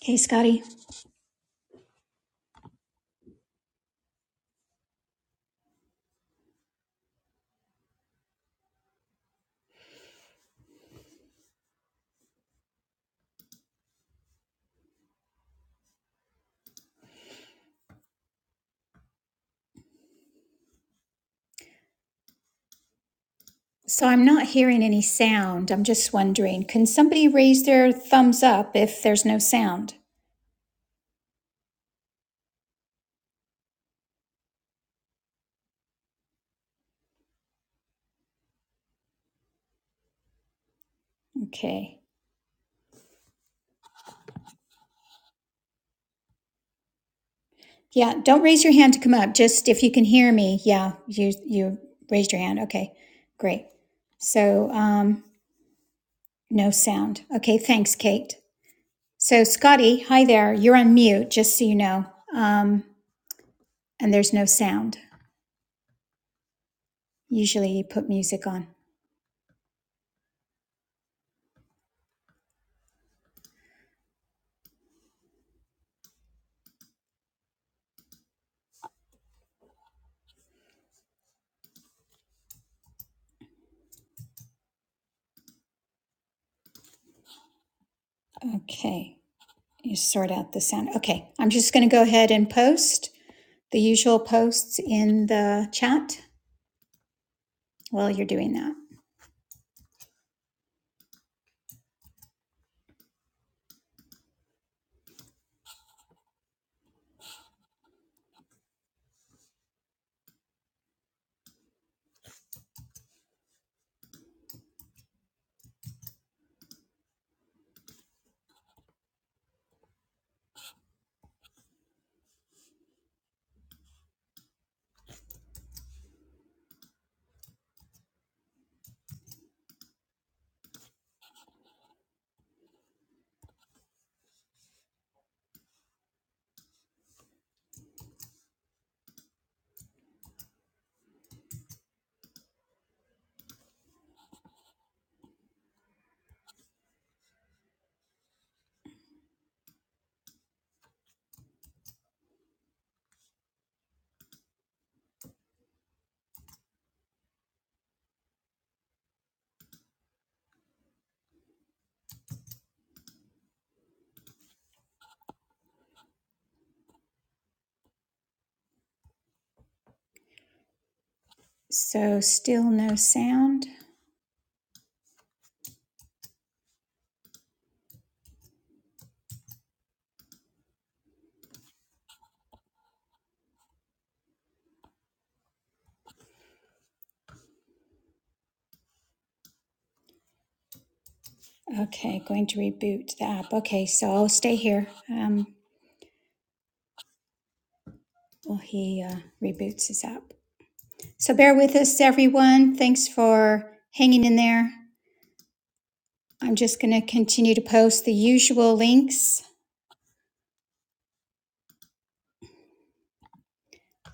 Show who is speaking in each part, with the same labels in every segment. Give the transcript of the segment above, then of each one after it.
Speaker 1: Hey, Scotty. So I'm not hearing any sound. I'm just wondering, can somebody raise their thumbs up if there's no sound? Okay. Yeah, don't raise your hand to come up. Just if you can hear me, yeah, you you raised your hand. Okay. Great. So, um no sound. Okay, thanks, Kate. So, Scotty, hi there. You're on mute, just so you know. Um and there's no sound. Usually you put music on. Okay. You sort out the sound. Okay. I'm just going to go ahead and post. the usual posts in the chat while you're doing that. So, still no sound. Okay, going to reboot the app. Okay, so I'll stay here um, while he uh, reboots his app. So, bear with us, everyone. Thanks for hanging in there. I'm just going to continue to post the usual links,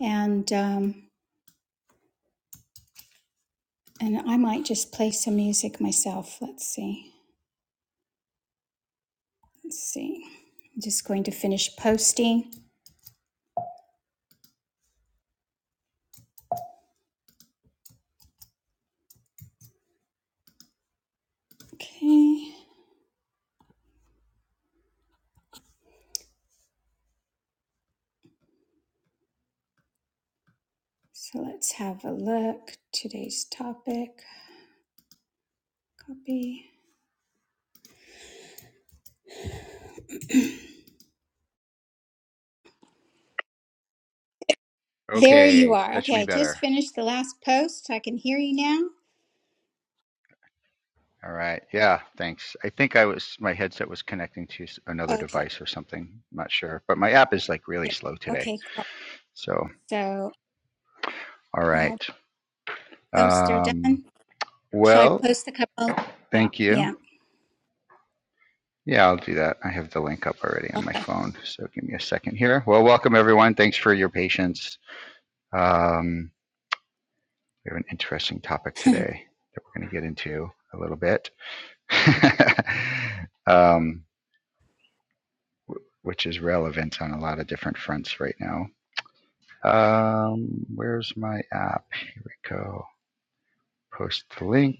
Speaker 1: and um, and I might just play some music myself. Let's see. Let's see. I'm just going to finish posting. Okay. So let's have a look. Today's topic. Copy. There you
Speaker 2: Okay,
Speaker 1: are.
Speaker 2: that should be
Speaker 1: Okay, I just
Speaker 2: better.
Speaker 1: finished the last post. I can hear you now.
Speaker 2: All right. Yeah, thanks. I think I was my headset was connecting to s- another
Speaker 1: Okay.
Speaker 2: device or something. I'm not sure, but my app is like really
Speaker 1: Yeah.
Speaker 2: slow today.
Speaker 1: Okay, cool.
Speaker 2: So,
Speaker 1: So
Speaker 2: all
Speaker 1: all
Speaker 2: right.
Speaker 1: posts are
Speaker 2: Um,
Speaker 1: done. Shall I
Speaker 2: well,
Speaker 1: post the couple on top?
Speaker 2: thank you.
Speaker 1: Yeah.
Speaker 2: Yeah, I'll do that. I have the link up already on my
Speaker 1: Okay.
Speaker 2: phone, so give me a second here. Well, welcome everyone. Thanks for your patience. Um, we have an interesting topic today that we're going to get into a little bit. um, which is relevant on a lot of different fronts right now. Um, where's my app? Here we go. Post the link.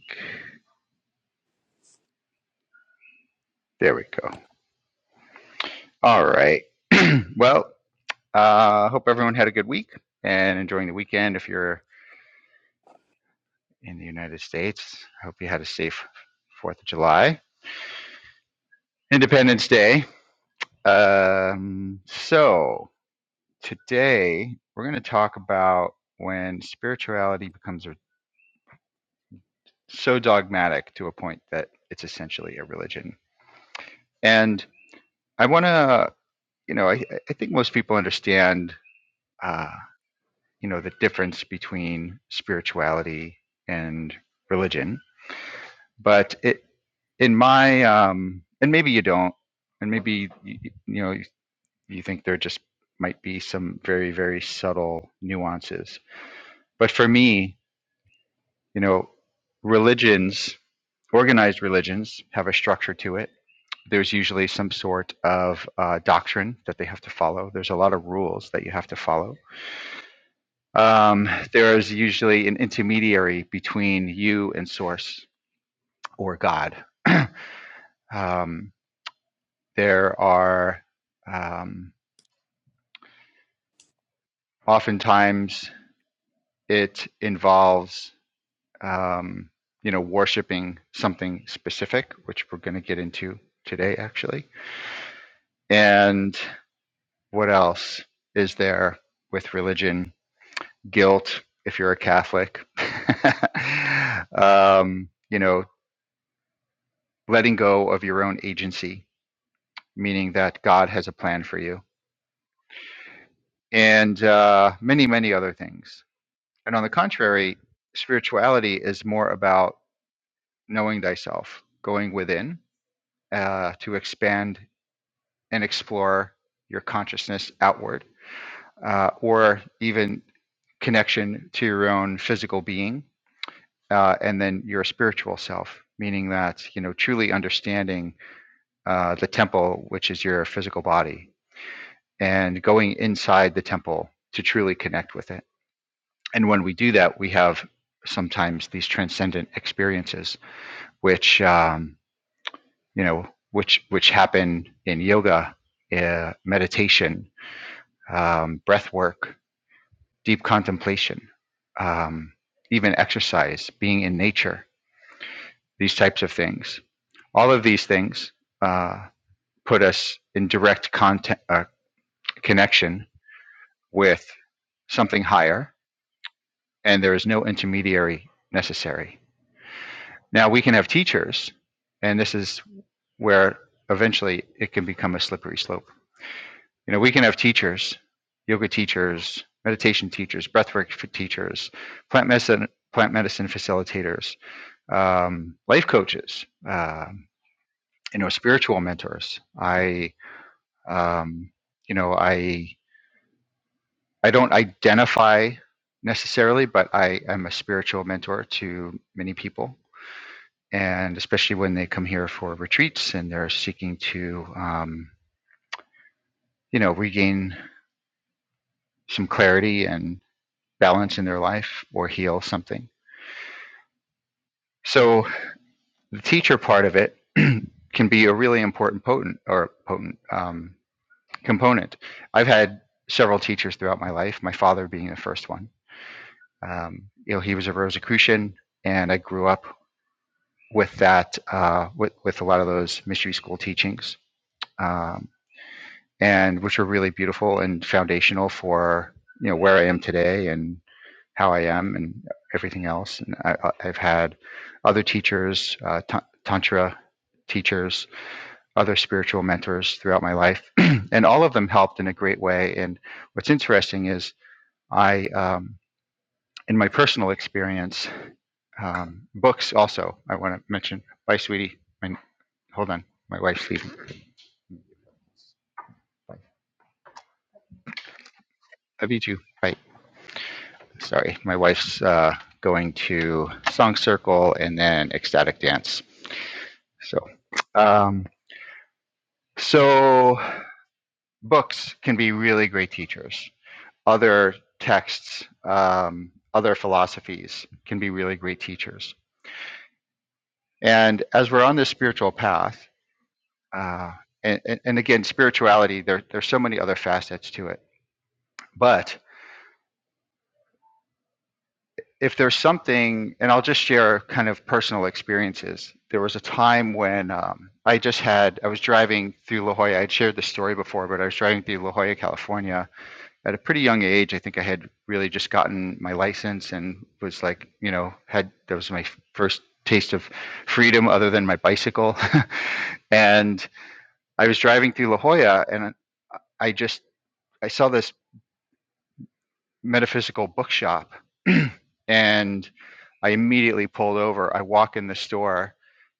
Speaker 2: There we go. All right. Well, I uh, hope everyone had a good week and enjoying the weekend. If you're in the United States, I hope you had a safe Fourth of July, Independence Day. Um, so today we're going to talk about when spirituality becomes so dogmatic to a point that it's essentially a religion And I want to, you know, I, I think most people understand, uh, you know, the difference between spirituality and religion. But it, in my, um, and maybe you don't, and maybe you, you know, you think there just might be some very, very subtle nuances. But for me, You know, religions, organized religions, have a structure to it. There's usually some sort of uh, doctrine that they have to follow. There's a lot of rules that you have to follow. Um, there is usually an intermediary between you and Source or God. um, there are um, oftentimes it involves um, you know worshiping something specific which we're going to get into today actually And what else is there with religion? Guilt, if you're a Catholic. um, you know, letting go of your own agency, meaning that God has a plan for you, and uh, many, many other things. And on the contrary, spirituality is more about knowing thyself, going within uh, to expand and explore your consciousness outward, uh, or even connection to your own physical being uh, and then your spiritual self meaning that you know truly understanding uh, the temple which is your physical body and going inside the temple to truly connect with it and when we do that we have sometimes these transcendent experiences which um, you know which which happen in yoga uh, meditation um, breath work deep contemplation um, even exercise being in nature these types of things. All of these things uh, put us in direct contact, uh, connection with something higher, and there is no intermediary necessary. Now, we can have teachers, and this is where eventually it can become a slippery slope. You know, we can have teachers, yoga teachers, meditation teachers, breathwork teachers, plant medicine, plant medicine facilitators, um, life coaches, um, you know, spiritual mentors. I Um, you know, I I don't identify necessarily, but I am a spiritual mentor to many people, and especially when they come here for retreats and they're seeking to, um, you know, regain some clarity and balance in their life or heal something. So the teacher part of it can be a really important potent or potent um, component. I've had several teachers throughout my life, my father being the first one Um, you know, he was a Rosicrucian, and I grew up with that, uh, with with a lot of those mystery school teachings, um, and which were really beautiful and foundational for you know where I am today and how I am and everything else. And I, I- have had other teachers, uh, ta- tantra teachers, other spiritual mentors throughout my life, and all of them helped in a great way. And what's interesting is I, um, in my personal experience, Um, books also, I want to mention. Bye, sweetie. My, hold on, my wife's leaving. Love you too. Bye. Sorry, my wife's uh, going to song circle and then ecstatic dance. So, um, so books can be really great teachers. Other texts, um, other philosophies can be really great teachers. And as we're on this spiritual path, uh, and, and, and again, spirituality, there, there's so many other facets to it. But if there's something, and I'll just share kind of personal experiences. There was a time when um, I just had, I was driving through La Jolla. I'd shared this story before, but I was driving through La Jolla, California at a pretty young age. I think I had really just gotten my license and was like, you know, had, that was my first taste of freedom other than my bicycle. and I was driving through La Jolla and I just, I saw this metaphysical bookshop and i immediately pulled over i walk in the store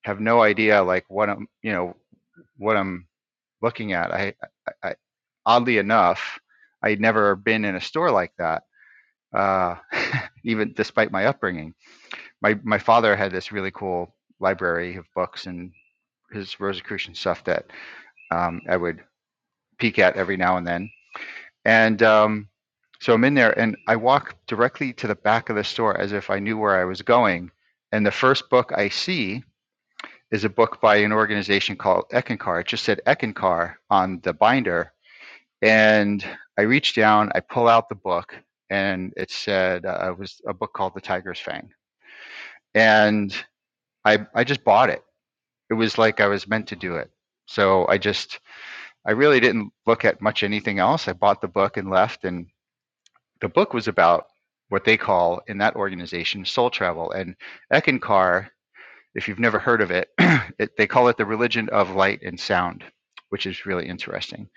Speaker 2: have no idea like what i'm you know what i'm looking at i, I, I oddly enough i'd never been in a store like that uh, even despite my upbringing my my father had this really cool library of books and his rosicrucian stuff that um, i would peek at every now and then And um, so I'm in there and I walk directly to the back of the store as if I knew where I was going. And the first book I see is a book by an organization called Eckencar. It just said Eckencar on the binder. And I reach down, I pull out the book, and it said uh, it was a book called The Tiger's Fang. And I, I just bought it. It was like I was meant to do it. So I just, I really didn't look at much anything else. I bought the book and left. And the book was about what they call in that organization soul travel. And Eckankar, if you've never heard of it, it, they call it the religion of light and sound, which is really interesting.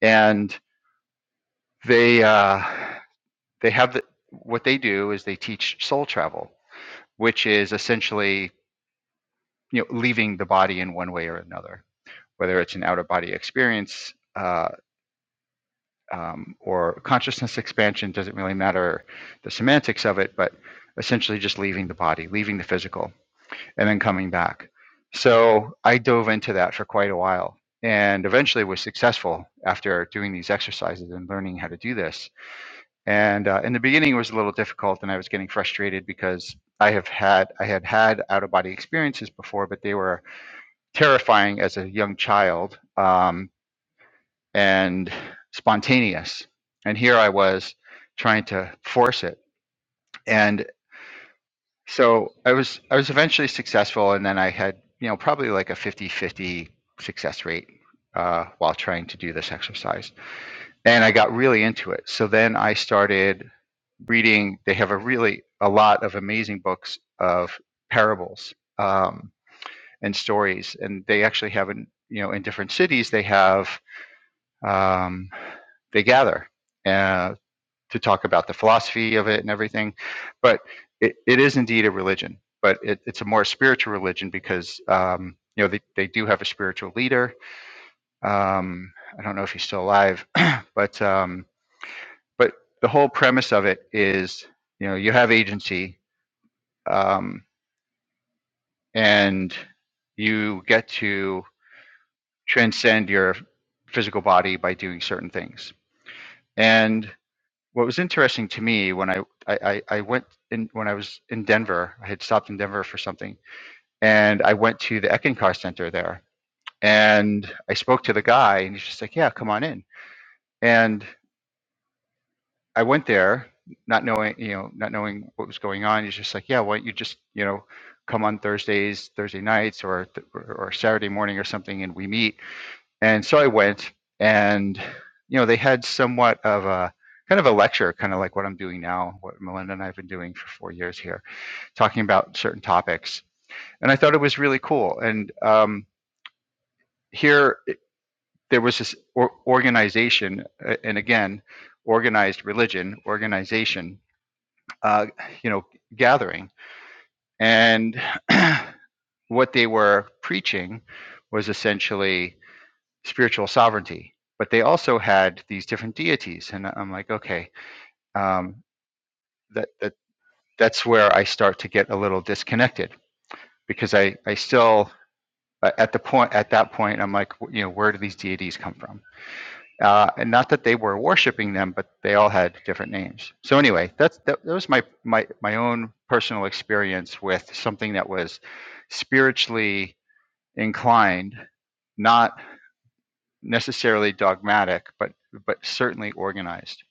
Speaker 2: And they uh, they have the, what they do is they teach soul travel, which is essentially you know leaving the body in one way or another, whether it's an out of body experience. Uh, um, or consciousness expansion doesn't really matter the semantics of it, but essentially just leaving the body, leaving the physical, and then coming back. So I dove into that for quite a while and eventually was successful after doing these exercises and learning how to do this. And uh, in the beginning, it was a little difficult, and I was getting frustrated because I have had I had had out of body experiences before, but they were terrifying as a young child. Um, and spontaneous. And here I was trying to force it. And so I was I was eventually successful and then I had, you know, probably like a fifty-fifty success rate uh, while trying to do this exercise. And I got really into it. So then I started reading they have a really a lot of amazing books of parables um, and stories and they actually have in you know in different cities they have um, they gather. Uh, to talk about the philosophy of it and everything. But it, it is indeed a religion, but it, it's a more spiritual religion because um, you know they, they do have a spiritual leader. Um, I don't know if he's still alive, but um, but the whole premise of it is you know you have agency um, and you get to transcend your physical body by doing certain things. And what was interesting to me when I, I, I went in when I was in Denver, I had stopped in Denver for something, and I went to the Eckankar Center there, and I spoke to the guy, and he's just like, "Yeah, come on in." And I went there, not knowing you know, not knowing what was going on. He's just like, "Yeah, why don't you just you know, come on Thursdays, Thursday nights, or or Saturday morning or something, and we meet." And so I went, and you know they had somewhat of a kind of a lecture, kind of like what I'm doing now, what Melinda and I have been doing for four years here, talking about certain topics. And I thought it was really cool. And um, here there was this or- organization, uh, and again, organized religion, organization, uh, you know, gathering, and what they were preaching was essentially spiritual sovereignty, but they also had these different deities, and I'm like, okay, um, that that that's where I start to get a little disconnected because I I still uh, at the point at that point I'm like, you know, where do these deities come from? Uh, and not that they were worshiping them, but they all had different names. So anyway, that's that, that was my my my own personal experience with something that was spiritually inclined, not necessarily dogmatic, but but certainly organized.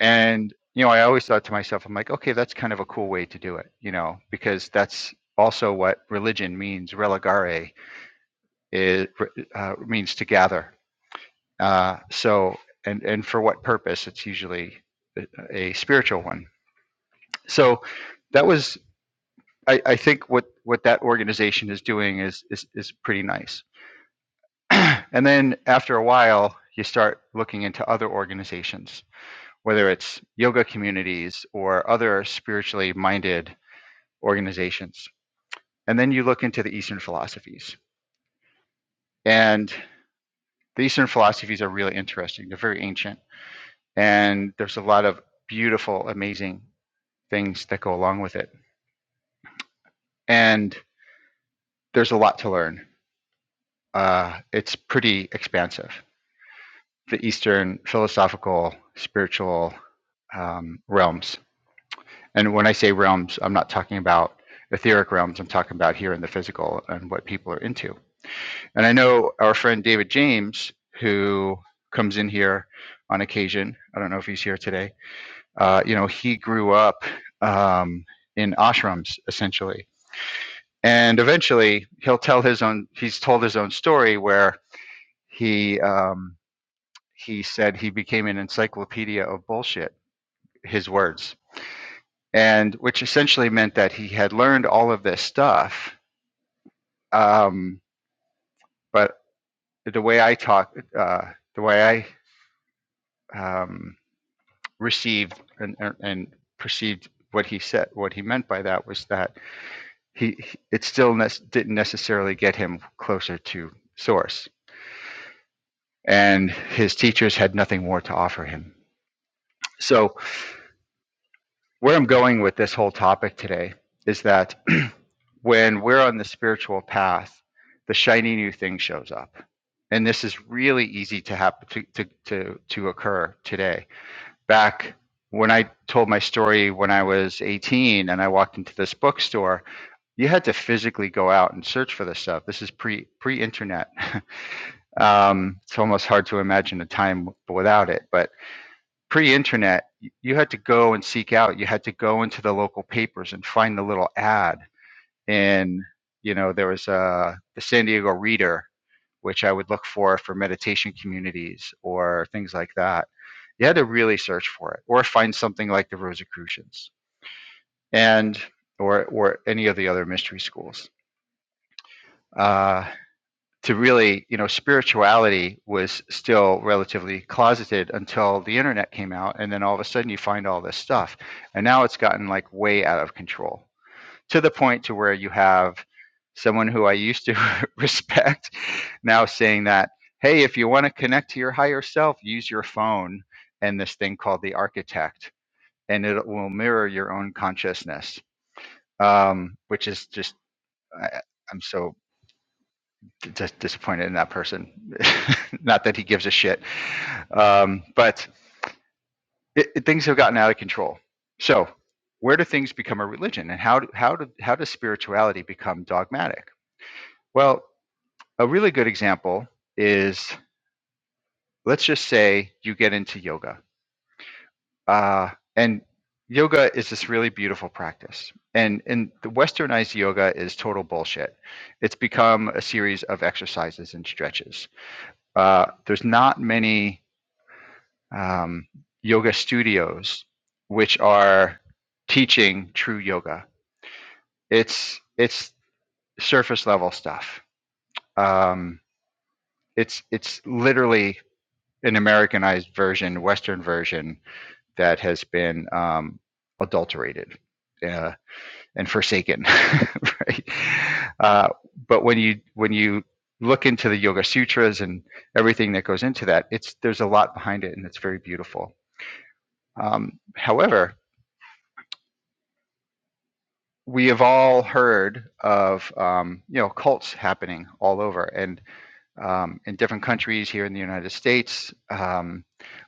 Speaker 2: And you know, I always thought to myself, I'm like, okay, that's kind of a cool way to do it, you know, because that's also what religion means. Religare is uh, means to gather. Uh, so, and and for what purpose? It's usually a, a spiritual one. So, that was, I, I think, what what that organization is doing is is is pretty nice. and then after a while, you start looking into other organizations whether it's yoga communities or other spiritually minded organizations. And then you look into the Eastern philosophies. And the Eastern philosophies are really interesting, they're very ancient, and there's a lot of beautiful, amazing things that go along with it. And there's a lot to learn. Uh, it's pretty expansive, the Eastern philosophical, spiritual um, realms. And when I say realms, I'm not talking about etheric realms. I'm talking about here in the physical and what people are into. And I know our friend David James, who comes in here on occasion. I don't know if he's here today. Uh, you know, he grew up um, in ashrams essentially, and eventually he'll tell his own. He's told his own story where he um, he said he became an encyclopedia of bullshit. His words and which essentially meant that he had learned all of this stuff. Um, but the way I talk, uh, the way I um, received and, and- perceived what he said, what he meant by that was that he he- it still ne- didn't necessarily get him closer to source, and his teachers had nothing more to offer him. So where I'm going with this whole topic today is that when we're on the spiritual path, the shiny new thing shows up. And this is really easy to happen to, to, to, to occur today. Back when I told my story when I was 18 and I walked into this bookstore, you had to physically go out and search for this stuff. This is pre pre internet. um, it's almost hard to imagine a time without it. But pre-internet you had to go and seek out you had to go into the local papers and find the little ad and you know there was uh, the san diego reader which i would look for for meditation communities or things like that you had to really search for it or find something like the rosicrucians and or or any of the other mystery schools Uh, to really, you know, spirituality was still relatively closeted until the internet came out. And then all of a sudden you find all this stuff. And now it's gotten like way out of control to the point to where you have someone who I used to respect now saying that, hey, if you want to connect to your higher self, use your phone and this thing called the architect, and it will mirror your own consciousness, um, which is just, I, I'm so just disappointed in that person. Not that he gives a shit, um, but it, it- things have gotten out of control. So, where do things become a religion, and how do, how do, how does spirituality become dogmatic? Well, a really good example is let's just say you get into yoga, uh, and yoga is this really beautiful practice, and and the westernized yoga is total bullshit. It's become a series of exercises and stretches. Uh, there's not many um, yoga studios, which are teaching true yoga. It's it's surface level stuff. Um, it's it's literally an Americanized version, Western version that has been um, adulterated uh, and forsaken. right? Uh, but when you when you look into the Yoga Sutras and everything that goes into that, it's there's a lot behind it, and it's very beautiful. Um, however, we have all heard of um, you know cults happening all over and um, in different countries here in the United States um,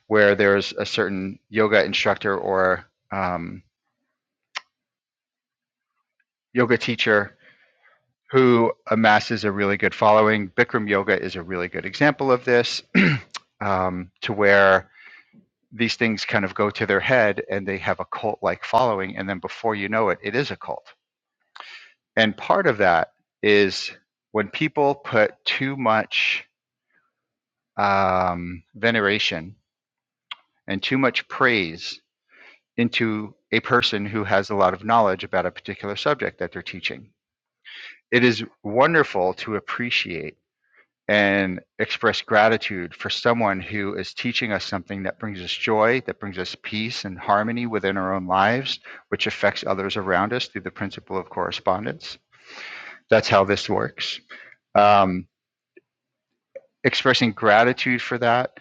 Speaker 2: where there's a certain yoga instructor or um, yoga teacher who amasses a really good following. Bikram yoga is a really good example of this um, to where these things kind of go to their head and they have a cult like following and then before you know it it is a cult and part of that is when people put too much um, veneration and too much praise into a person who has a lot of knowledge about a particular subject that they're teaching. It is wonderful to appreciate and express gratitude for someone who is teaching us something that brings us joy, that brings us peace and harmony within our own lives, which affects others around us through the principle of correspondence. That's how this works. Um, expressing gratitude for that,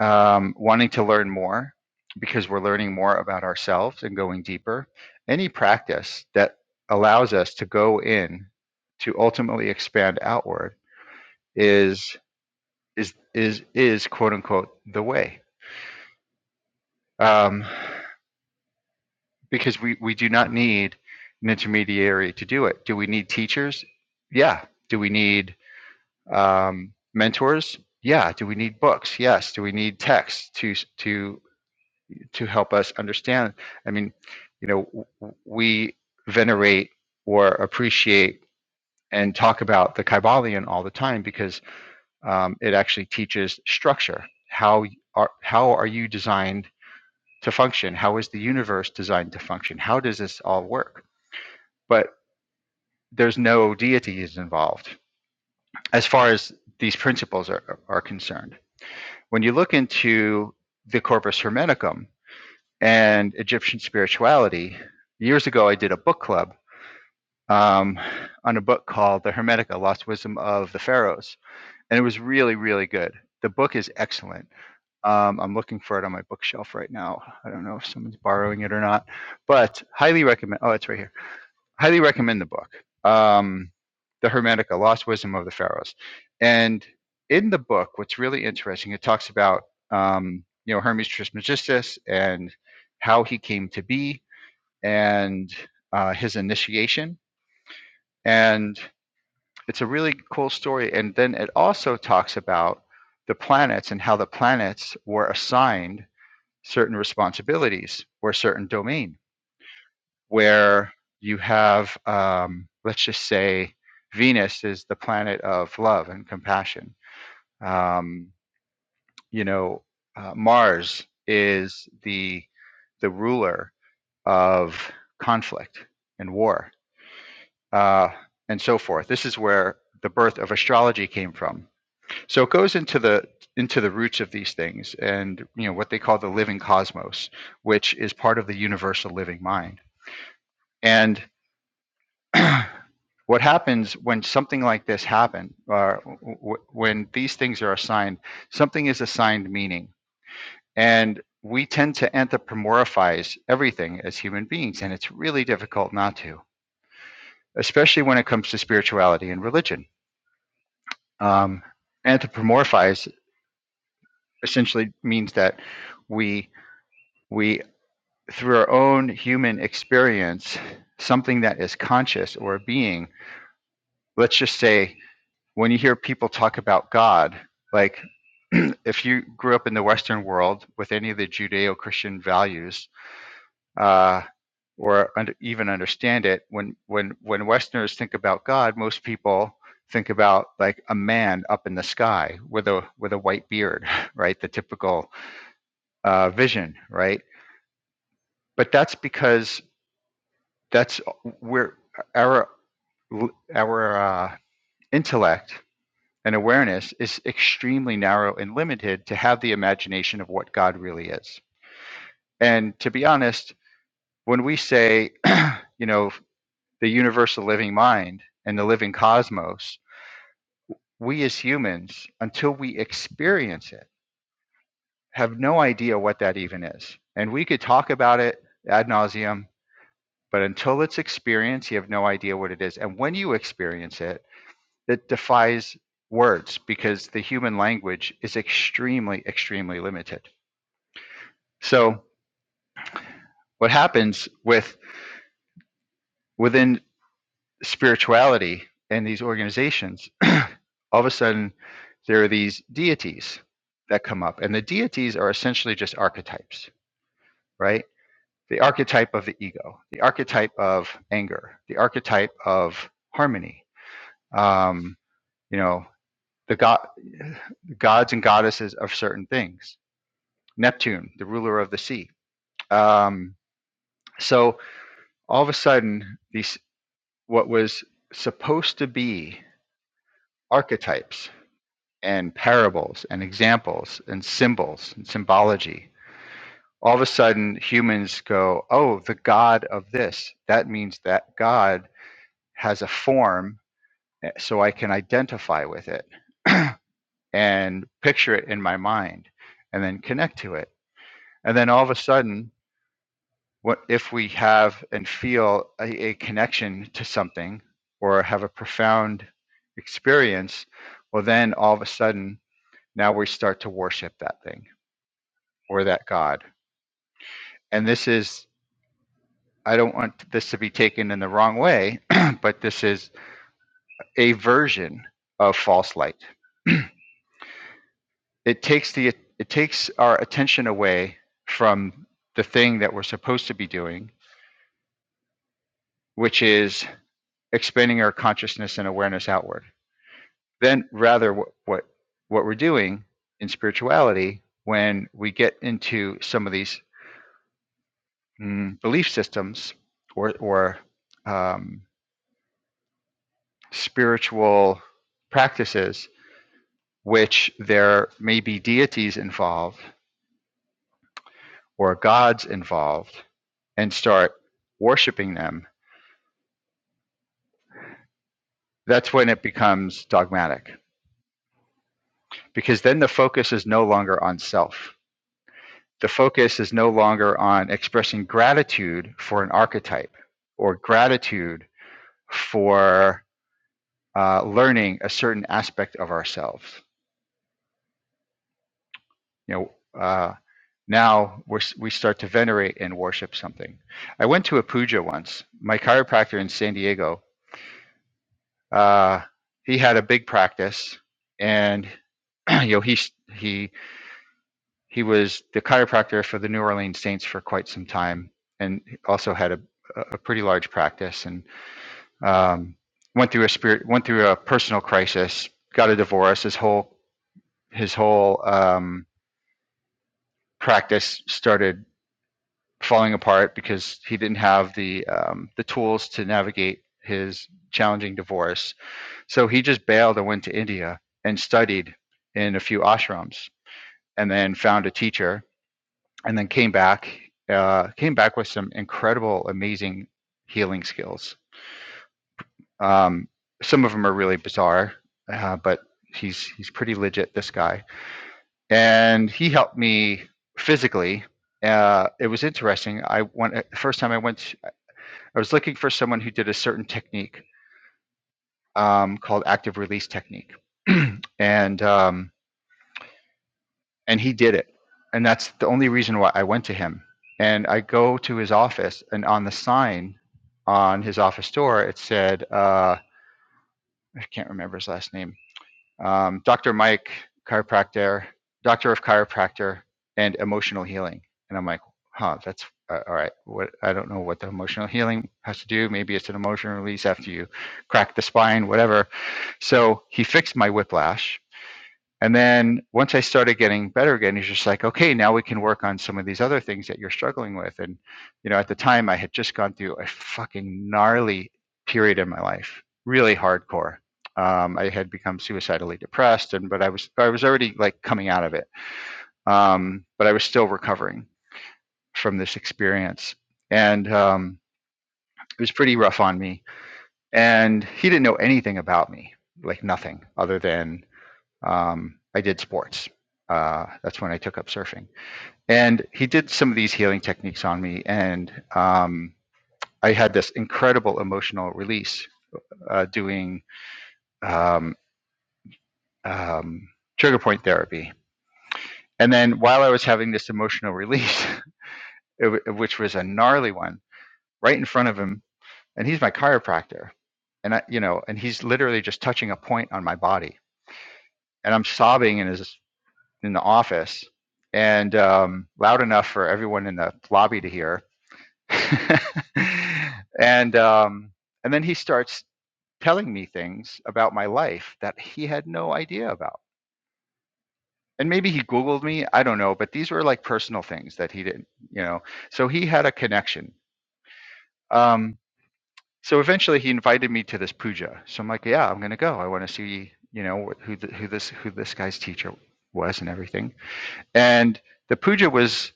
Speaker 2: um, wanting to learn more because we're learning more about ourselves and going deeper. Any practice that allows us to go in to ultimately expand outward is is is is quote unquote the way um, because we we do not need an intermediary to do it. Do we need teachers? Yeah. Do we need um, mentors? Yeah. Do we need books? Yes. Do we need texts to to to help us understand. I mean, you know, we venerate or appreciate and talk about the Kybalion all the time because um, it actually teaches structure. How are how are you designed to function? How is the universe designed to function? How does this all work? But there's no deities involved as far as these principles are, are concerned. When you look into the Corpus Hermeticum, and Egyptian spirituality. Years ago, I did a book club um, on a book called The Hermetica Lost Wisdom of the Pharaohs, and it was really, really good. The book is excellent. Um, I'm looking for it on my bookshelf right now. I don't know if someone's borrowing it or not, but highly recommend. Oh, it's right here. Highly recommend the book, um, The Hermetica Lost Wisdom of the Pharaohs. And in the book, what's really interesting, it talks about um, you know Hermes Trismegistus and how he came to be and uh, his initiation. And it's a really cool story. And then it also talks about the planets and how the planets were assigned certain responsibilities or a certain domain, where you have, um, let's just say, Venus is the planet of love and compassion. Um, you know, uh, Mars is the the ruler of conflict and war uh, and so forth. This is where the birth of astrology came from. So it goes into the into the roots of these things, and you know what they call the living cosmos, which is part of the universal living mind. And what happens when something like this happen, or w- when these things are assigned, something is assigned meaning, and we tend to anthropomorphize everything as human beings, and it's really difficult not to, especially when it comes to spirituality and religion Um, anthropomorphize essentially means that we we through our own human experience, something that is conscious or a being. Let's just say when you hear people talk about God, like if you grew up in the Western world with any of the Judeo-Christian values, uh, or under, even understand it. When when when Westerners think about God, most people think about like a man up in the sky with a with a white beard, right? The typical uh, vision, right? But that's because that's where our our uh, intellect and awareness is extremely narrow and limited to have the imagination of what God really is. And to be honest, when we say, you know, the universal living mind and the living cosmos, we as humans, until we experience it, have no idea what that even is. And we could talk about it ad nauseum, but until it's experienced, you have no idea what it is. And when you experience it, it defies words because the human language is extremely, extremely limited. So what happens with within spirituality and these organizations all of a sudden there are these deities that come up and the deities are essentially just archetypes right the archetype of the ego the archetype of anger the archetype of harmony um, you know the god gods and goddesses of certain things neptune the ruler of the sea um, so all of a sudden these what was supposed to be archetypes and parables and examples and symbols and symbology all of a sudden humans go, oh, the God of this. That means that God has a form, eh, so I can identify with it and picture it in my mind and then connect to it. And then all of a sudden, what if we have and feel a, a connection to something or have a profound experience? Well, then all of a sudden, now we start to worship that thing or that God. And this is I don't want this to be taken in the wrong way, but this is a version of false light. it takes the it takes our attention away from the thing that we're supposed to be doing, which is expanding our consciousness and awareness outward. Then rather what what, what we're doing in spirituality when we get into some of these mm, belief systems or or um, spiritual practices which there may be deities involved or gods involved and start worshiping them, that's when it becomes dogmatic because then the focus is no longer on self. The focus is no longer on expressing gratitude for an archetype or gratitude for uh, learning a certain aspect of ourselves. You know, uh, now we're, we start to venerate and worship something. I went to a puja once. My chiropractor in San Diego uh, he had a big practice, and you know he he he was the chiropractor for the New Orleans Saints for quite some time, and also had a a pretty large practice, and um, went through a spirit went through a personal crisis, got a divorce. His whole his whole um, practice started falling apart because he didn't have the um, the tools to navigate his challenging divorce So he just bailed and went to India and studied in a few ashrams and then found a teacher and then came back, uh, came back with some incredible, amazing healing skills. Um, some of them are really bizarre, uh, but he's, he's pretty legit, this guy. And he helped me physically. Uh, it was interesting. I went, the first time I went, I was looking for someone who did a certain technique um, called active release technique. and um, and he did it and that's the only reason why i went to him and i go to his office and on the sign on his office door it said uh, i can't remember his last name um, dr mike chiropractor doctor of chiropractor and emotional healing and i'm like huh that's uh, all right what i don't know what the emotional healing has to do maybe it's an emotional release after you crack the spine whatever so he fixed my whiplash and then once I started getting better again, he's just like, okay, now we can work on some of these other things that you're struggling with. And, you know, at the time I had just gone through a fucking gnarly period in my life, really hardcore. Um, I had become suicidally depressed and, but I was, I was already like coming out of it. Um, but I was still recovering from this experience and, um, it was pretty rough on me and he didn't know anything about me, like nothing other than um, I did sports. Uh, that's when I took up surfing. And he did some of these healing techniques on me. And um, I had this incredible emotional release uh, doing um, um, trigger point therapy. And then while I was having this emotional release, it, w- which was a gnarly one, right in front of him, and he's my chiropractor. And I, you know, and he's literally just touching a point on my body, and I'm sobbing in his in the office and um, loud enough for everyone in the lobby to hear. and um, and then he starts telling me things about my life that he had no idea about. And maybe he Googled me, I don't know, but these were like personal things that he didn't, you know. So he had a connection. Um, so eventually he invited me to this puja. So I'm like, yeah, I'm gonna go. I want to see, you know, who th- who this who this guy's teacher was and everything. And the puja was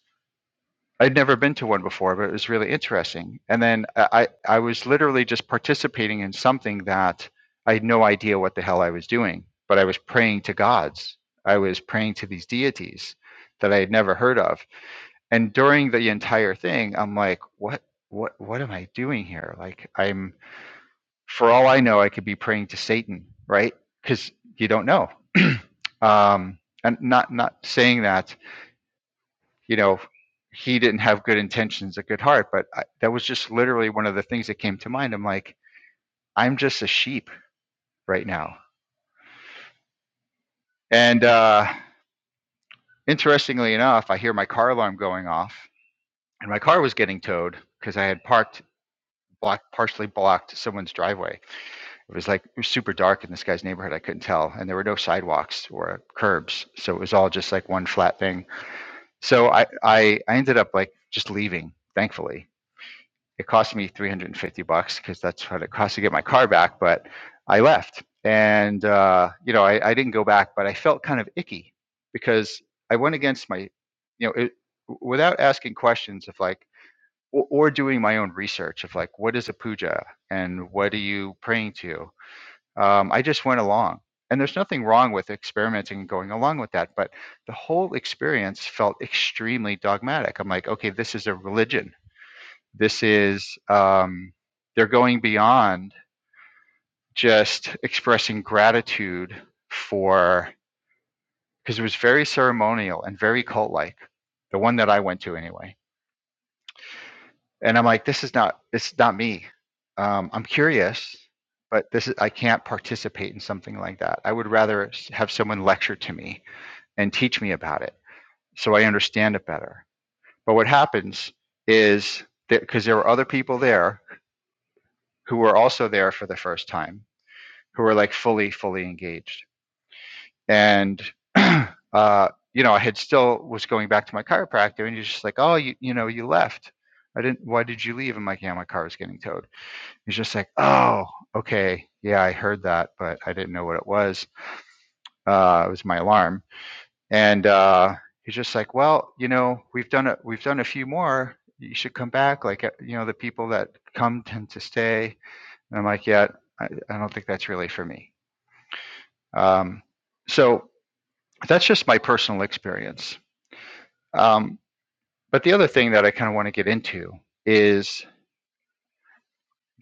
Speaker 2: I'd never been to one before, but it was really interesting. And then I, I was literally just participating in something that I had no idea what the hell I was doing, but I was praying to gods. I was praying to these deities that I had never heard of. And during the entire thing, I'm like, what, what, what am I doing here? Like, I'm, for all I know, I could be praying to Satan, right? Because you don't know. um, and not, not saying that you know, he didn't have good intentions, a good heart. But I, that was just literally one of the things that came to mind. I'm like, I'm just a sheep right now. And uh, interestingly enough, I hear my car alarm going off, and my car was getting towed because I had parked blocked partially blocked someone's driveway. It was like it was super dark in this guy's neighborhood. I couldn't tell, and there were no sidewalks or curbs, so it was all just like one flat thing. So I I, I ended up like just leaving, thankfully it cost me 350 bucks because that's what it cost to get my car back but i left and uh, you know I, I didn't go back but i felt kind of icky because i went against my you know it, without asking questions of like or, or doing my own research of like what is a puja and what are you praying to um, i just went along and there's nothing wrong with experimenting and going along with that but the whole experience felt extremely dogmatic i'm like okay this is a religion this is, um, they're going beyond just expressing gratitude for, because it was very ceremonial and very cult like, the one that I went to anyway. And I'm like, this is not, this is not me. Um, I'm curious, but this is, I can't participate in something like that. I would rather have someone lecture to me and teach me about it so I understand it better. But what happens is that because there were other people there who were also there for the first time who were like fully fully engaged and uh you know i had still was going back to my chiropractor and he's just like oh you you know you left i didn't why did you leave i'm like yeah my car is getting towed he's just like oh okay yeah i heard that but i didn't know what it was uh it was my alarm and uh he's just like well you know we've done a we've done a few more you should come back like uh, you know the people that come tend to stay and i'm like yeah i, I don't think that's really for me um so that's just my personal experience. Um, but the other thing that I kind of want to get into is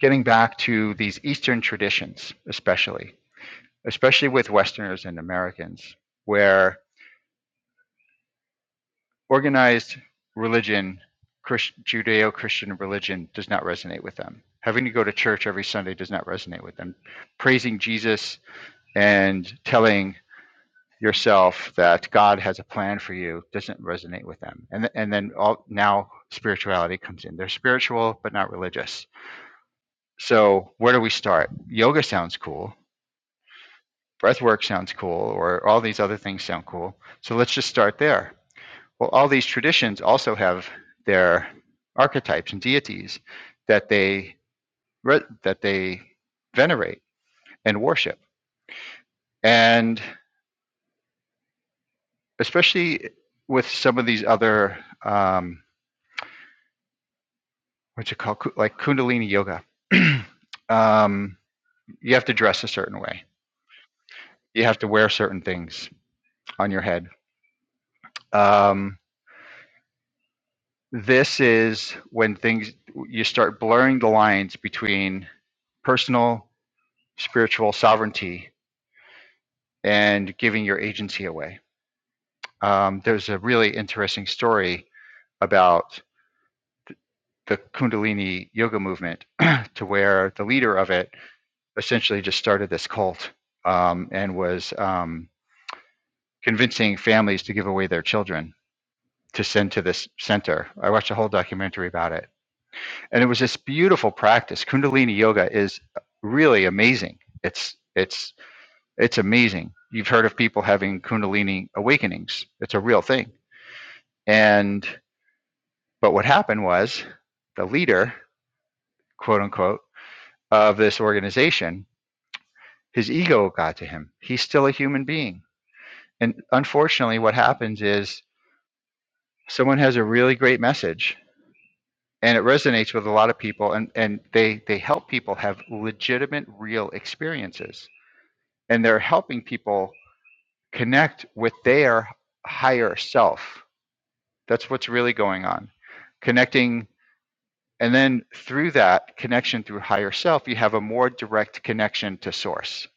Speaker 2: getting back to these Eastern traditions, especially, especially with Westerners and Americans, where organized religion, Christ, Judeo Christian religion, does not resonate with them. Having to go to church every Sunday does not resonate with them. Praising Jesus and telling yourself that God has a plan for you doesn't resonate with them. And th- and then all now spirituality comes in. They're spiritual but not religious. So where do we start? Yoga sounds cool. Breath work sounds cool or all these other things sound cool. So let's just start there. Well, all these traditions also have their archetypes and deities that they re- that they venerate and worship. And especially with some of these other um, what you call like kundalini yoga um, you have to dress a certain way you have to wear certain things on your head um, this is when things you start blurring the lines between personal spiritual sovereignty and giving your agency away um, there's a really interesting story about the kundalini yoga movement to where the leader of it essentially just started this cult um, and was um, convincing families to give away their children to send to this center. I watched a whole documentary about it. And it was this beautiful practice. Kundalini yoga is really amazing. It's it's it's amazing. You've heard of people having kundalini awakenings. It's a real thing. And but what happened was the leader, quote unquote, of this organization, his ego got to him. He's still a human being. And unfortunately what happens is someone has a really great message and it resonates with a lot of people and and they they help people have legitimate real experiences and they're helping people connect with their higher self that's what's really going on connecting and then through that connection through higher self you have a more direct connection to source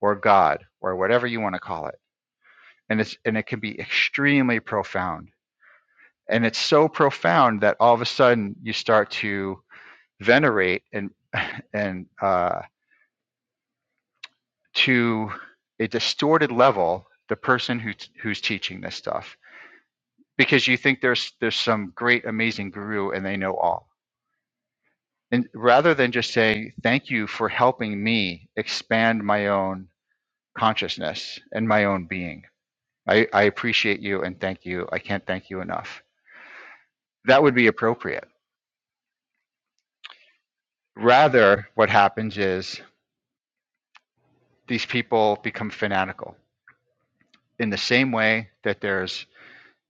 Speaker 2: or god or whatever you want to call it and it's and it can be extremely profound and it's so profound that all of a sudden you start to venerate and and uh to a distorted level the person who t- who's teaching this stuff because you think there's there's some great amazing guru and they know all and rather than just saying thank you for helping me expand my own consciousness and my own being i, I appreciate you and thank you i can't thank you enough that would be appropriate rather what happens is these people become fanatical in the same way that there's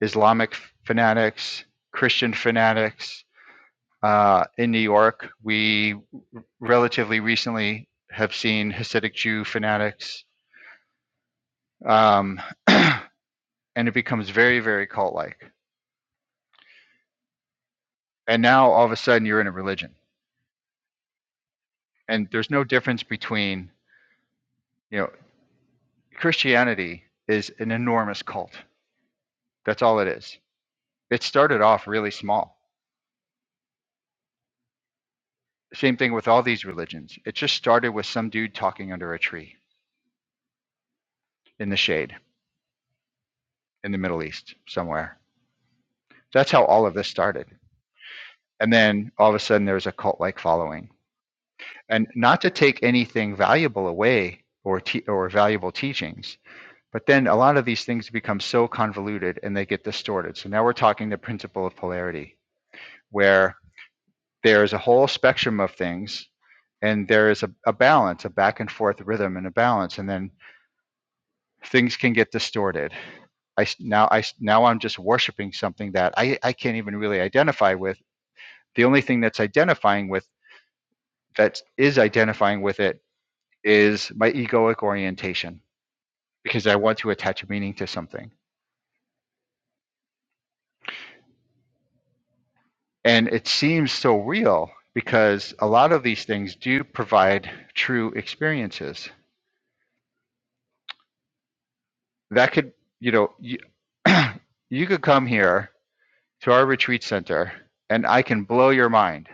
Speaker 2: islamic fanatics christian fanatics uh, in New York. We relatively recently have seen Hasidic Jew fanatics, um, and it becomes very, very cult like. And now all of a sudden you're in a religion, and there's no difference between, you know, Christianity is an enormous cult. That's all it is. It started off really small. Same thing with all these religions. It just started with some dude talking under a tree in the shade in the Middle East somewhere. That's how all of this started. and then all of a sudden there was a cult-like following and not to take anything valuable away or te- or valuable teachings but then a lot of these things become so convoluted and they get distorted so now we're talking the principle of polarity where there is a whole spectrum of things and there is a, a balance a back and forth rhythm and a balance and then things can get distorted I now I now I s- now I'm just worshiping something that I I can't even really identify with. The only thing that's identifying with that is identifying with it is my egoic orientation because I want to attach meaning to something. And it seems so real because a lot of these things do provide true experiences. That could, you know, you, you could come here to our retreat center and I can blow your mind,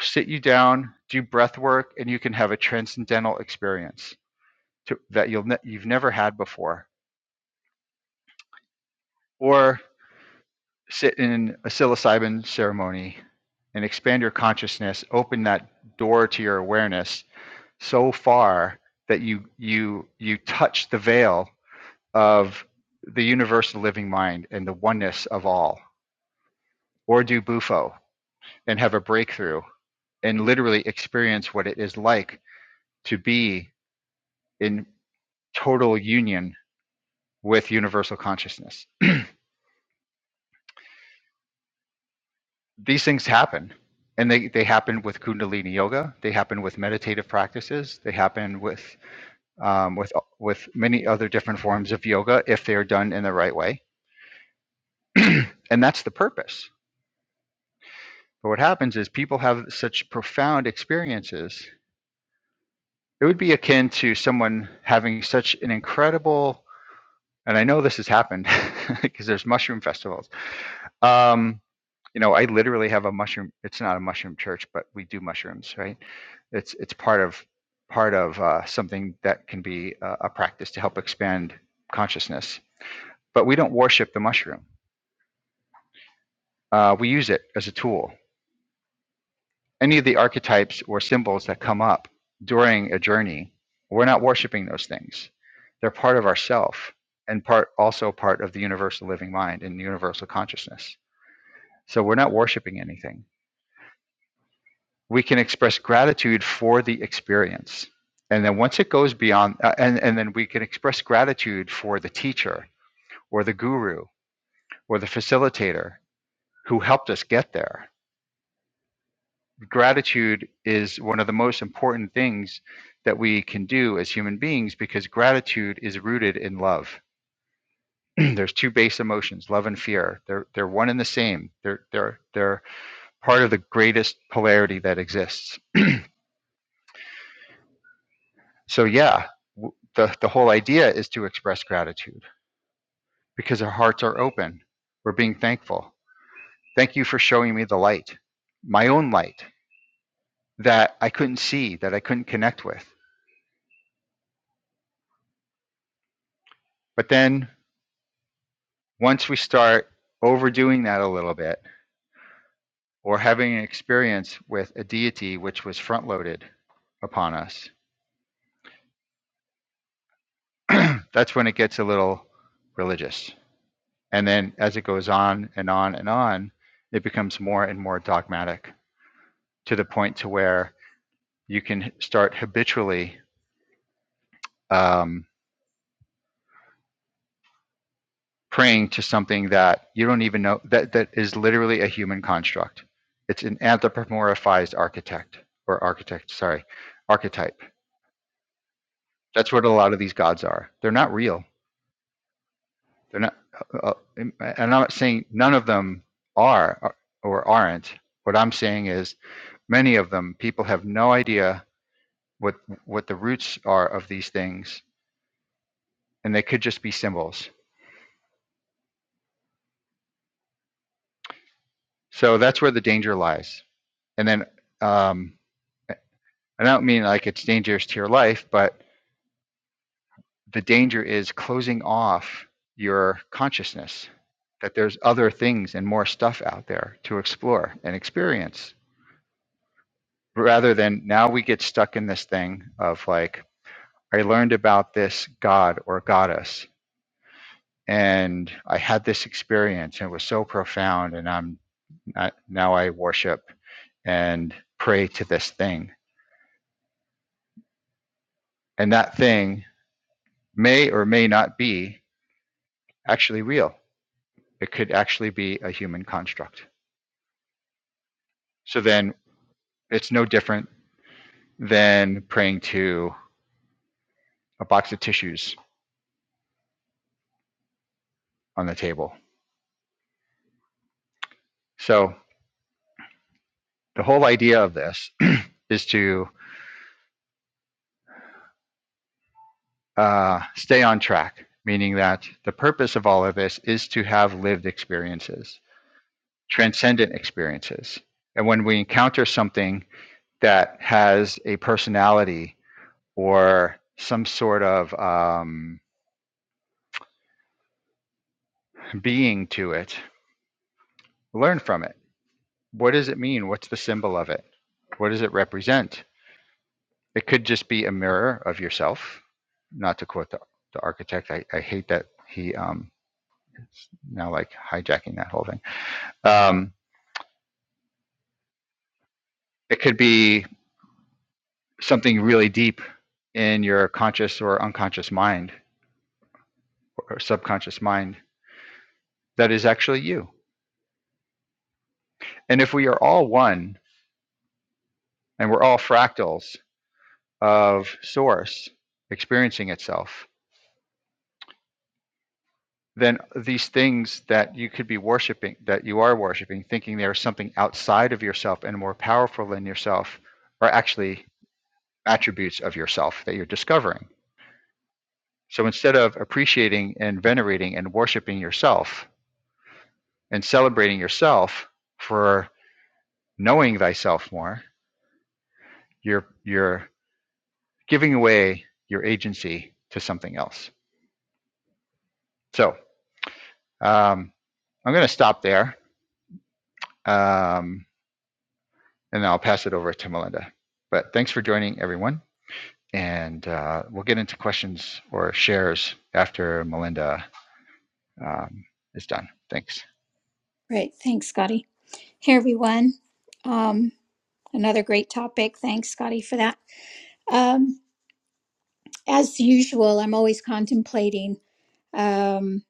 Speaker 2: sit you down, do breath work, and you can have a transcendental experience to, that you'll ne- you've never had before. Or sit in a psilocybin ceremony and expand your consciousness, open that door to your awareness so far that you you you touch the veil of the universal living mind and the oneness of all, or do bufo and have a breakthrough and literally experience what it is like to be in total union with universal consciousness these things happen and they, they happen with kundalini yoga they happen with meditative practices they happen with um, with with many other different forms of yoga if they are done in the right way and that's the purpose but what happens is people have such profound experiences it would be akin to someone having such an incredible and i know this has happened because there's mushroom festivals um, you know i literally have a mushroom it's not a mushroom church but we do mushrooms right It's it's part of part of uh, something that can be uh, a practice to help expand consciousness. But we don't worship the mushroom. Uh, we use it as a tool. Any of the archetypes or symbols that come up during a journey, we're not worshiping those things. They're part of ourself and part also part of the universal living mind and universal consciousness. So we're not worshiping anything we can express gratitude for the experience. And then once it goes beyond, uh, and, and then we can express gratitude for the teacher or the guru or the facilitator who helped us get there. Gratitude is one of the most important things that we can do as human beings because gratitude is rooted in love. There's two base emotions, love and fear. They're, they're one and the same. They're, they're, they're part of the greatest polarity that exists. So yeah, w- the the whole idea is to express gratitude because our hearts are open. We're being thankful. Thank you for showing me the light, my own light that I couldn't see, that I couldn't connect with. But then once we start overdoing that a little bit or having an experience with a deity which was front-loaded upon us, that's when it gets a little religious. And then as it goes on and on and on, it becomes more and more dogmatic to the point to where you can start habitually um, praying to something that you don't even know that that is literally a human construct. It's an anthropomorphized architect or architect, sorry, archetype. That's what a lot of these gods are. They're not real. They're not. Uh, uh, and I'm not saying none of them are uh, or aren't. What I'm saying is many of them people have no idea what what the roots are of these things, and they could just be symbols So that's where the danger lies. And then um, I don't mean like it's dangerous to your life, but the danger is closing off your consciousness that there's other things and more stuff out there to explore and experience rather than now we get stuck in this thing of like, I learned about this god or goddess and I had this experience and it was so profound and I'm I, now I worship and pray to this thing and that thing may or may not be actually real. It could actually be a human construct. So then it's no different than praying to a box of tissues on the table. So the whole idea of this is to uh, stay on track, meaning that the purpose of all of this is to have lived experiences, transcendent experiences. And when we encounter something that has a personality or some sort of um, being to it, learn from it. What does it mean? What's the symbol of it? What does it represent? It could just be a mirror of yourself. Not to quote the, the architect, I, I hate that he um, is now like hijacking that whole thing. Um, it could be something really deep in your conscious or unconscious mind or subconscious mind that is actually you. And if we are all one and we're all fractals of source experiencing itself, then these things that you could be worshiping, that you are worshiping, thinking there is something outside of yourself and more powerful than yourself, are actually attributes of yourself that you're discovering. So instead of appreciating and venerating and worshiping yourself and celebrating yourself for knowing thyself more, you're you're giving away your agency to something else. So um, I'm going to stop there. Um, and then I'll pass it over to Melinda. But thanks for joining, everyone. And uh, we'll get into questions or shares after Melinda um, is done. Thanks.
Speaker 1: Great. Thanks, Scotty. Hey everyone. Um, another great topic. Thanks, Scotty, for that. Um, as usual, I'm always contemplating, um,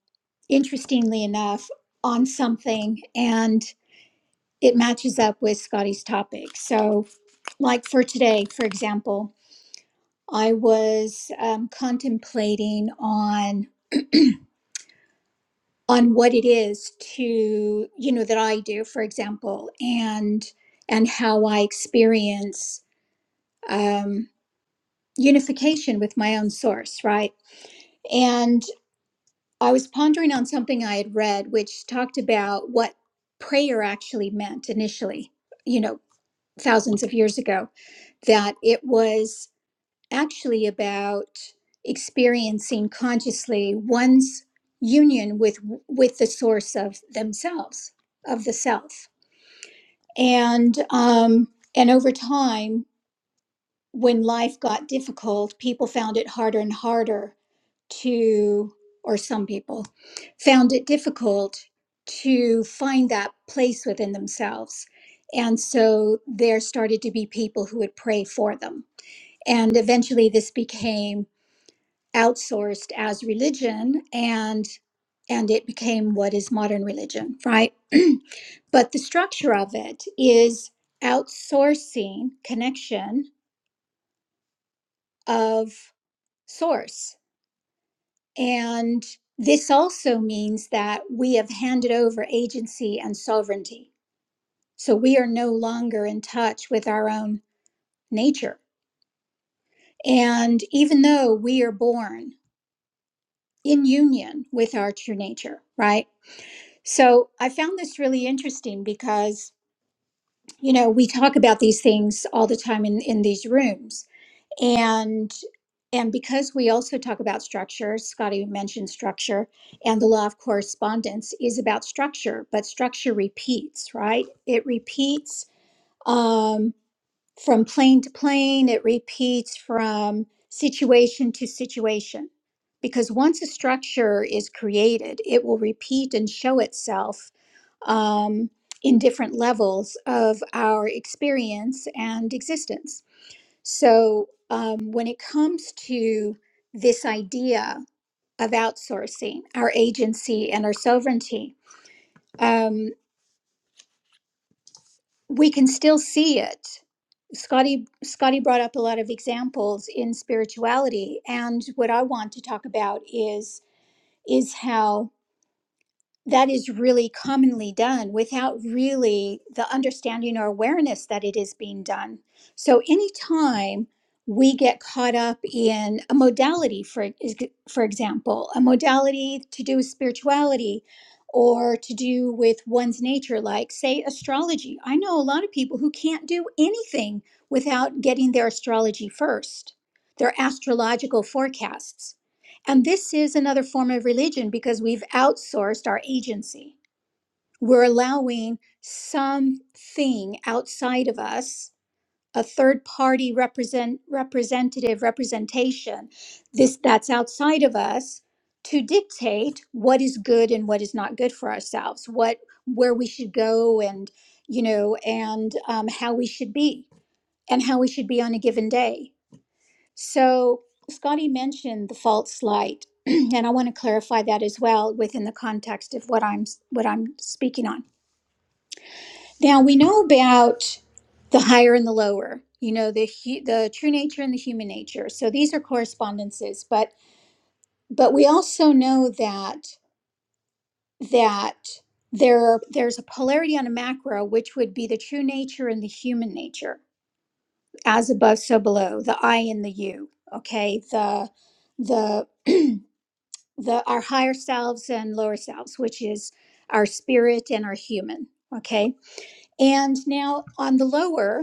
Speaker 1: interestingly enough, on something. and. it matches up with Scotty's topic. So, like for today, for example, I was um, contemplating on on what it is to you know that I do, for example, and and how I experience um, unification with my own source, right? And I was pondering on something I had read, which talked about what prayer actually meant initially, you know, thousands of years ago that it was actually about experiencing consciously one's union with with the source of themselves of the self and um and over time when life got difficult people found it harder and harder to or some people found it difficult to find that place within themselves and so there started to be people who would pray for them and eventually this became outsourced as religion and and it became what is modern religion right but the structure of it is outsourcing connection of source and this also means that we have handed over agency and sovereignty so we are no longer in touch with our own nature and even though we are born in union with our true nature right So I found this really interesting because, you know, we talk about these things all the time in, in these rooms. And and because we also talk about structure, Scotty mentioned structure, and the law of correspondence is about structure, but structure repeats, right? It repeats. Um, from plane to plane, it repeats from situation to situation. Because once a structure is created, it will repeat and show itself um, in different levels of our experience and existence. So, um, when it comes to this idea of outsourcing our agency and our sovereignty, um, we can still see it. Scotty Scotty brought up a lot of examples in spirituality and what I want to talk about is is how that is really commonly done without really the understanding or awareness that it is being done. So anytime we get caught up in a modality for ex- for example, a modality to do with spirituality or to do with one's nature like say astrology. I know a lot of people who can't do anything without getting their astrology first, their astrological forecasts and this is another form of religion because we've outsourced our agency. We're allowing something outside of us, a third party represent representative representation, this that's outside of us to dictate what is good and what is not good for ourselves, what where we should go and you know and um, how we should be and how we should be on a given day. So, Scotty mentioned the false light, and I want to clarify that as well within the context of what I'm what I'm speaking on. Now, we know about the higher and the lower. You know the hu- the true nature and the human nature. So these are correspondences, but but we also know that that there are, there's a polarity on a macro, which would be the true nature and the human nature, as above, so below, the I and the you. Okay, the the the our higher selves and lower selves which is our spirit and our human okay and now on the lower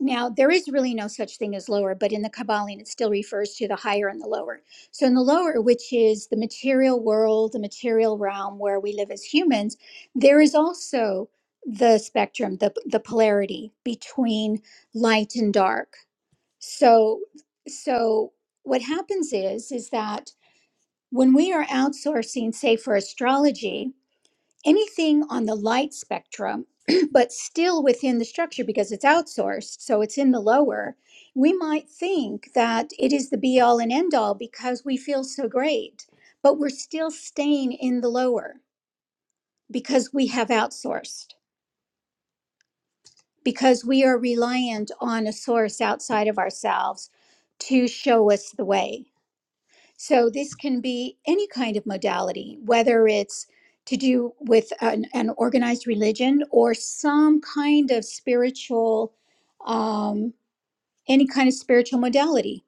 Speaker 1: now there is really no such thing as lower but in the kabbalah it still refers to the higher and the lower so in the lower which is the material world the material realm where we live as humans there is also the spectrum the, the polarity between light and dark so so what happens is is that when we are outsourcing, say, for astrology, anything on the light spectrum, but still within the structure because it's outsourced, so it's in the lower, we might think that it is the be all and end all because we feel so great, but we're still staying in the lower because we have outsourced, because we are reliant on a source outside of ourselves to show us the way. So this can be any kind of modality, whether it's to do with an, an organized religion or some kind of spiritual, um, any kind of spiritual modality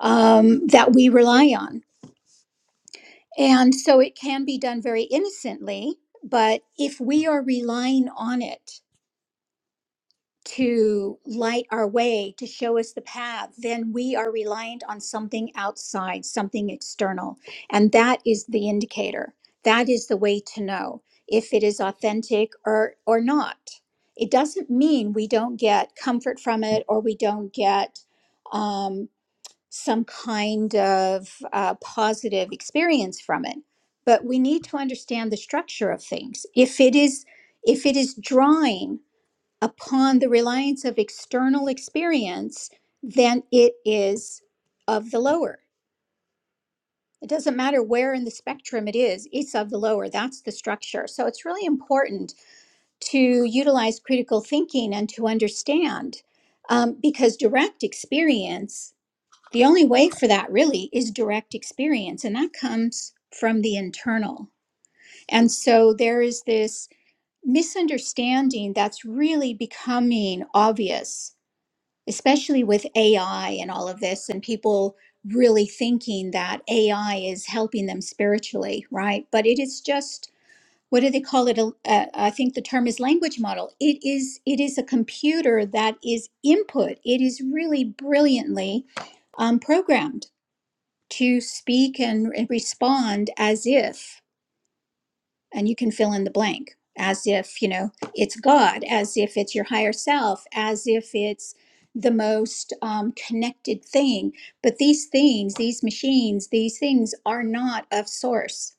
Speaker 1: um, that we rely on. And so it can be done very innocently, but if we are relying on it, to light our way, to show us the path, then we are reliant on something outside, something external. And that is the indicator. That is the way to know if it is authentic or, or not. It doesn't mean we don't get comfort from it or we don't get um, some kind of uh, positive experience from it. But we need to understand the structure of things. If it is if it is drawing upon the reliance of external experience than it is of the lower. It doesn't matter where in the spectrum it is, it's of the lower. That's the structure. So it's really important to utilize critical thinking and to understand um, because direct experience, the only way for that really is direct experience, and that comes from the internal. And so there is this misunderstanding that's really becoming obvious especially with AI and all of this, and people really thinking that AI is helping them spiritually, right? But it is just what do they call it? Uh, I think the term is language model. It is it is a computer that is input. It is really brilliantly um, programmed to speak and respond as if and you can fill in the blank as if you know it's god as if it's your higher self as if it's the most um, connected thing but these things these machines these things are not of source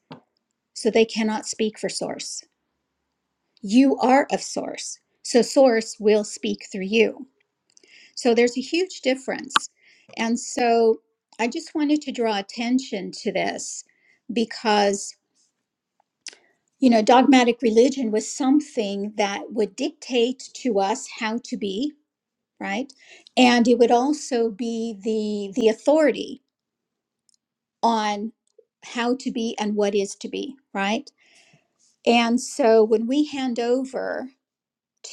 Speaker 1: so they cannot speak for source you are of source so source will speak through you so there's a huge difference and so i just wanted to draw attention to this because you know, dogmatic religion was something that would dictate to us how to be, right? And it would also be the the authority on how to be and what is to be, right? And so when we hand over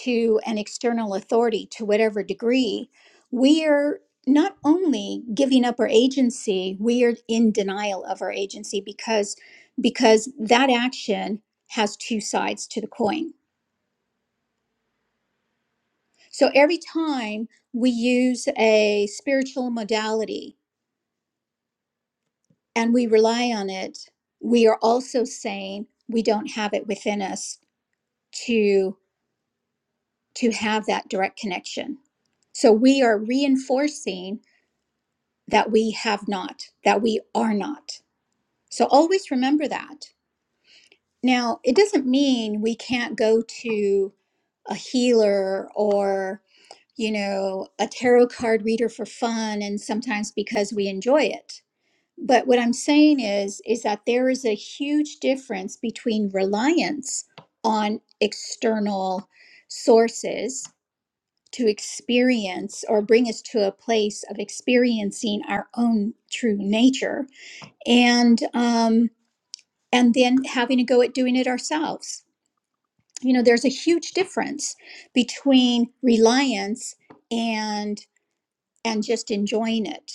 Speaker 1: to an external authority to whatever degree, we are not only giving up our agency, we are in denial of our agency because because that action has two sides to the coin So every time we use a spiritual modality and we rely on it, we are also saying we don't have it within us to to have that direct connection. So we are reinforcing that we have not, that we are not. So always remember that. Now, it doesn't mean we can't go to a healer or, you know, a tarot card reader for fun and sometimes because we enjoy it But what I'm saying is, is that there is a huge difference between reliance on external sources to experience or bring us to a place of experiencing our own true nature, and um, and then having a go at doing it ourselves. You know, there's a huge difference between reliance and and just enjoying it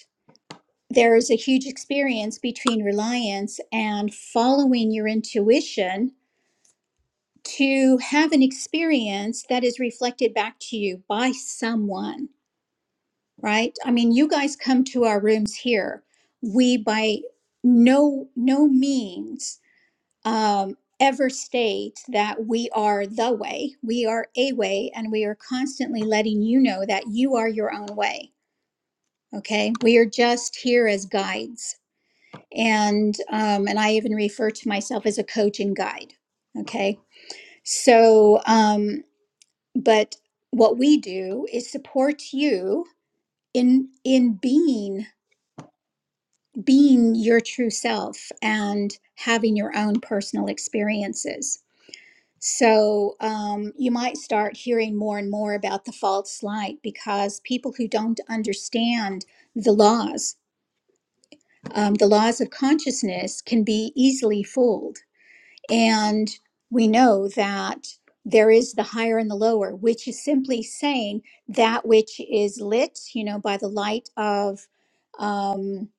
Speaker 1: there is a huge experience between reliance and following your intuition to have an experience that is reflected back to you by someone, right? I mean, you guys come to our rooms here. We by no no means um, ever state that we are the way. We are a way, and we are constantly letting you know that you are your own way. Okay, we are just here as guides and um, and I even refer to myself as a coach and guide. Okay, so um, but what we do is support you in in being being your true self and having your own personal experiences. So um, you might start hearing more and more about the false light because people who don't understand the laws, um, the laws of consciousness, can be easily fooled And we know that there is the higher and the lower, which is simply saying that which is lit, you know, by the light of um,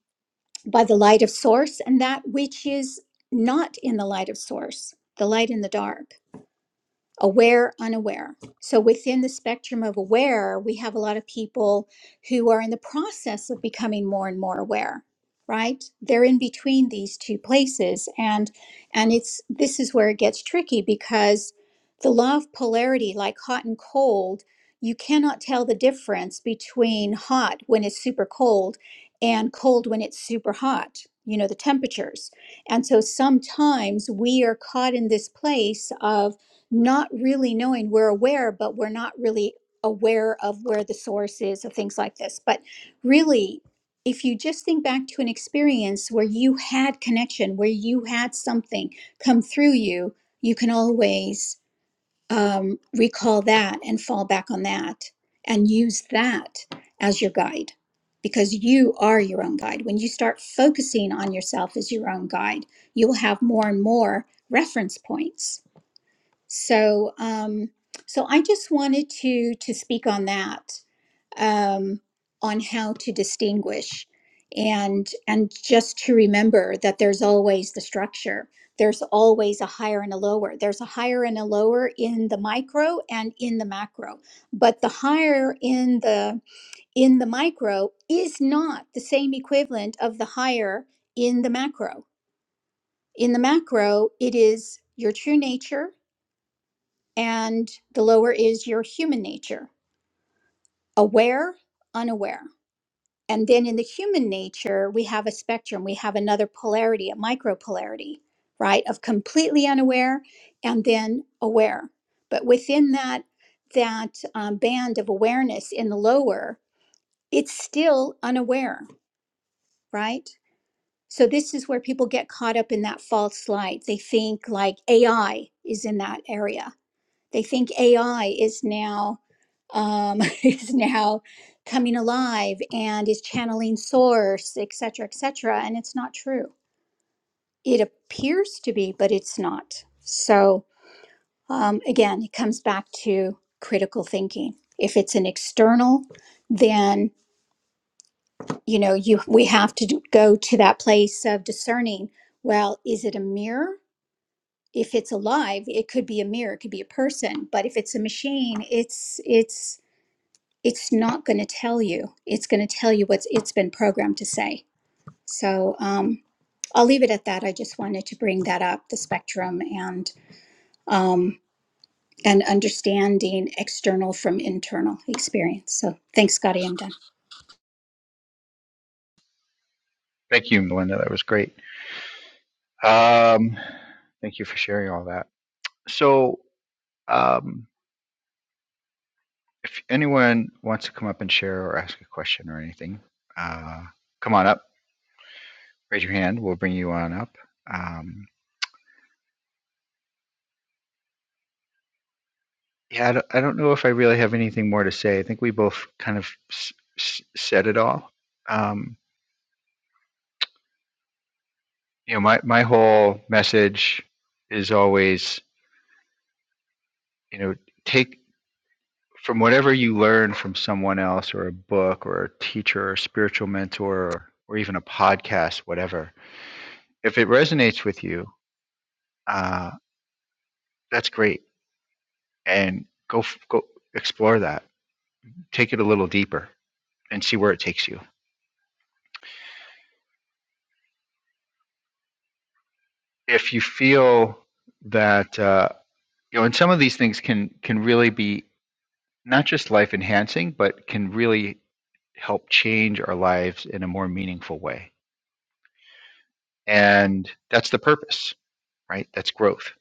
Speaker 1: by the light of source, and that which is not in the light of source, the light in the dark aware, unaware. So within the spectrum of aware, we have a lot of people who are in the process of becoming more and more aware, right? They're in between these two places and and it's this is where it gets tricky because the law of polarity like hot and cold, you cannot tell the difference between hot when it's super cold and cold when it's super hot, you know, the temperatures. And so sometimes we are caught in this place of not really knowing we're aware but we're not really aware of where the source is of things like this but really if you just think back to an experience where you had connection where you had something come through you you can always um, recall that and fall back on that and use that as your guide because you are your own guide when you start focusing on yourself as your own guide you will have more and more reference points so, um, so I just wanted to to speak on that, um, on how to distinguish, and and just to remember that there's always the structure. There's always a higher and a lower. There's a higher and a lower in the micro and in the macro. But the higher in the in the micro is not the same equivalent of the higher in the macro. In the macro, it is your true nature and the lower is your human nature aware, unaware. And then in the human nature, we have a spectrum. We have another polarity, a micropolarity, right? Of completely unaware and then aware. But within that, that um, band of awareness in the lower, it's still unaware, right? So this is where people get caught up in that false light. They think like AI is in that area They think AI is now um, is now coming alive and is channeling source, et cetera, et cetera. And it's not true. It appears to be, but it's not. So um, again, it comes back to critical thinking. If it's an external, then you know you we have to do- go to that place of discerning. Well, is it a mirror? If it's alive, it could be a mirror, it could be a person. But if it's a machine, it's it's it's not going to tell you. It's going to tell you what's it's been programmed to say. So um, I'll leave it at that. I just wanted to bring that up the spectrum and um, and understanding external from internal experience. So thanks, Scotty. I'm done.
Speaker 2: Thank you, Melinda. That was great. Um, thank you for sharing all that. So, um, if anyone wants to come up and share or ask a question or anything, uh, come on up, raise your hand. We'll bring you on up. Um, Yeah, I don't, I don't know if I really have anything more to say. I think we both kind of s- s- said it all. Um, you know, my, my whole message is always, you know, take from whatever you learn from someone else or a book or a teacher or spiritual mentor or, or even a podcast, whatever. If it resonates with you, uh, that's great. And go, f- go explore that. Take it a little deeper and see where it takes you. If you feel that, uh, you know, and some of these things can can really be not just life enhancing, but can really help change our lives in a more meaningful way. And that's the purpose, right? That's growth.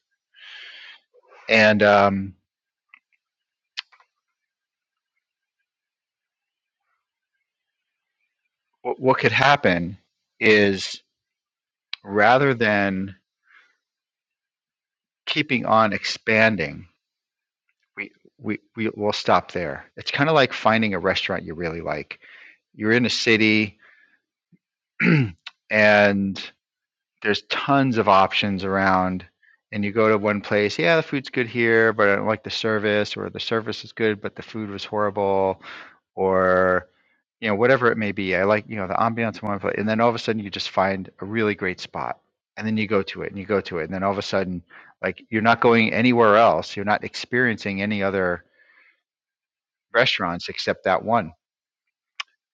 Speaker 2: And um, what, what could happen is rather than keeping on expanding, we, we, we will stop there. It's kind of like finding a restaurant you really like. You're in a city and there's tons of options around and you go to one place yeah the food's good here but i don't like the service or the service is good but the food was horrible or you know whatever it may be i like you know the ambiance in one place and then all of a sudden you just find a really great spot and then you go to it and you go to it and then all of a sudden like you're not going anywhere else you're not experiencing any other restaurants except that one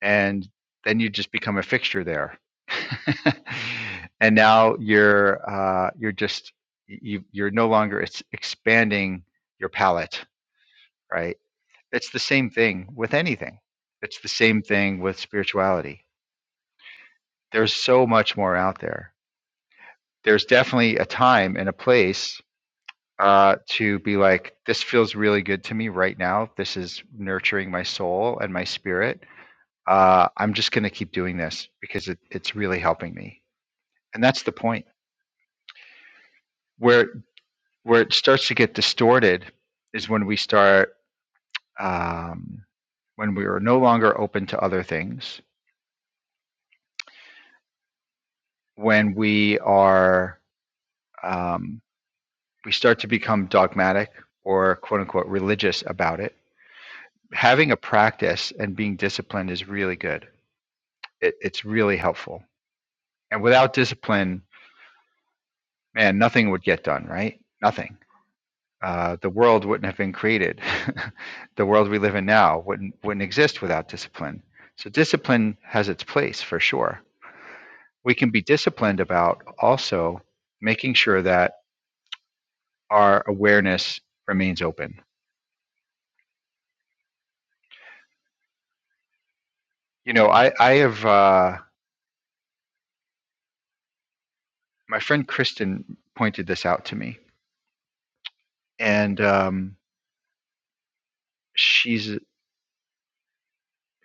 Speaker 2: and then you just become a fixture there. and now you're uh, you're just you you're no longer it's expanding your palette, right? It's the same thing with anything. It's the same thing with spirituality. There's so much more out there. There's definitely a time and a place uh, to be like, this feels really good to me right now. This is nurturing my soul and my spirit. Uh, I'm just going to keep doing this because it, it's really helping me and that's the point where where it starts to get distorted is when we start um, when we are no longer open to other things when we are um, we start to become dogmatic or quote unquote religious about it having a practice and being disciplined is really good it, it's really helpful and without discipline man nothing would get done right nothing uh, the world wouldn't have been created. the world we live in now wouldn't wouldn't exist without discipline. So discipline has its place for sure. We can be disciplined about also making sure that our awareness remains open. You know, I I have uh, my friend Kristen pointed this out to me, and um, she's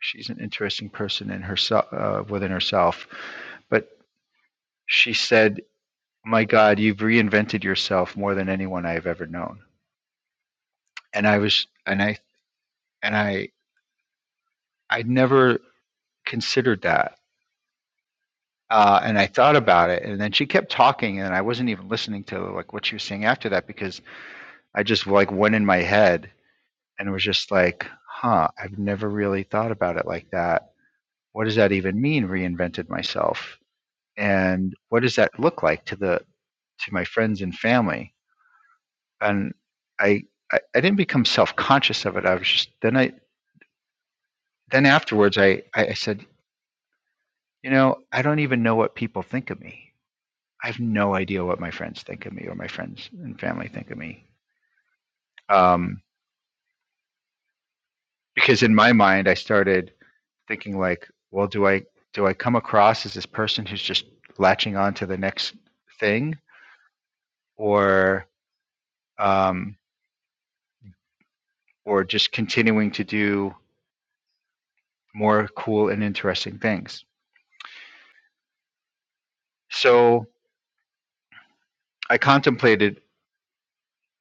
Speaker 2: she's an interesting person in herself uh, within herself, but she said, "My God, you've reinvented yourself more than anyone I have ever known." and I was and I and I I never considered that. Uh, and I thought about it, and then she kept talking, and I wasn't even listening to like what she was saying after that because I just like went in my head and was just like, "Huh, I've never really thought about it like that. What does that even mean? Reinvented myself, and what does that look like to the to my friends and family?" And I I, I didn't become self conscious of it. I was just then I then afterwards I I said, You know, I don't even know what people think of me. I have no idea what my friends think of me or my friends and family think of me. Um, because in my mind, I started thinking like, well, do I do I come across as this person who's just latching on to the next thing, or um, or just continuing to do more cool and interesting things? So I contemplated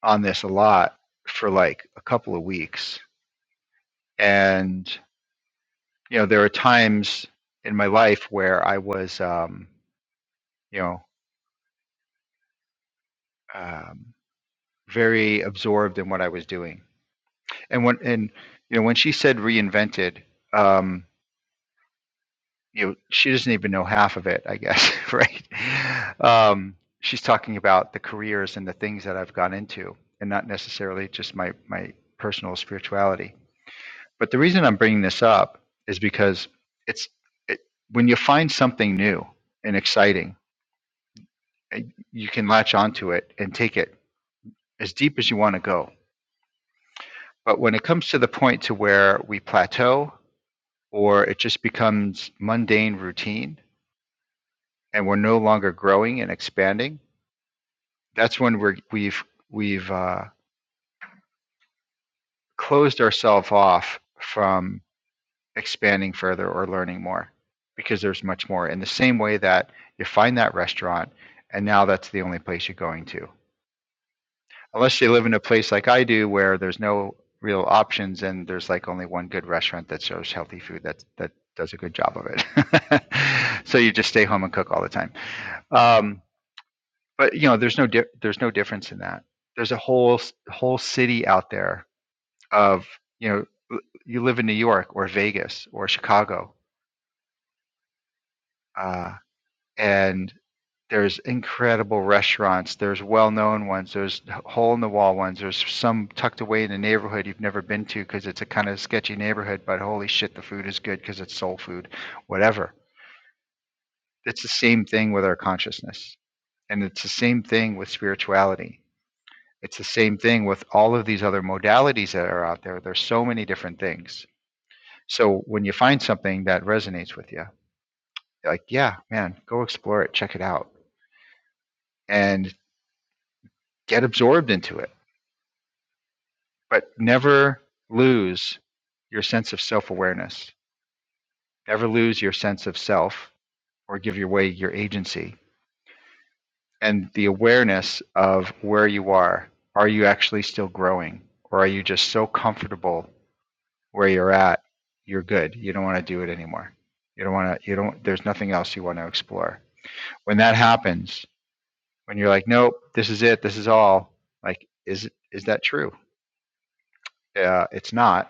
Speaker 2: on this a lot for like a couple of weeks, and you know, there are times in my life where I was, um, you know, um, very absorbed in what I was doing. And when, and you know, when she said reinvented, um, you know, she doesn't even know half of it, I guess, right? Um, she's talking about the careers and the things that I've gone into, and not necessarily just my my personal spirituality. But the reason I'm bringing this up is because it's it, when you find something new and exciting you can latch onto it and take it as deep as you want to go. But when it comes to the point to where we plateau or it just becomes mundane routine and we're no longer growing and expanding, that's when we're, we've we've uh, closed ourselves off from expanding further or learning more because there's much more. In the same way that you find that restaurant and now that's the only place you're going to unless you live in a place like I do where there's no real options and there's like only one good restaurant that serves healthy food that that does a good job of it. so you just stay home and cook all the time. Um, but you know, there's no di- there's no difference in that. There's a whole whole city out there of you know you live in New York or Vegas or Chicago, uh, and there's incredible restaurants. There's well-known ones. There's hole-in-the-wall ones. There's some tucked away in a neighborhood you've never been to because it's a kind of sketchy neighborhood. But holy shit, the food is good because it's soul food. Whatever. It's the same thing with our consciousness, and it's the same thing with spirituality. It's the same thing with all of these other modalities that are out there. There's so many different things. So when you find something that resonates with you, like yeah, man, go explore it, check it out, and get absorbed into it but never lose your sense of self awareness. Never lose your sense of self or give away your agency and the awareness of where you are. Are you actually still growing? Or are you just so comfortable where you're at? You're good. You don't want to do it anymore. You don't want to, you don't, there's nothing else you want to explore. When that happens, when you're like, nope, this is it, this is all, like, is, is that true? Uh, it's not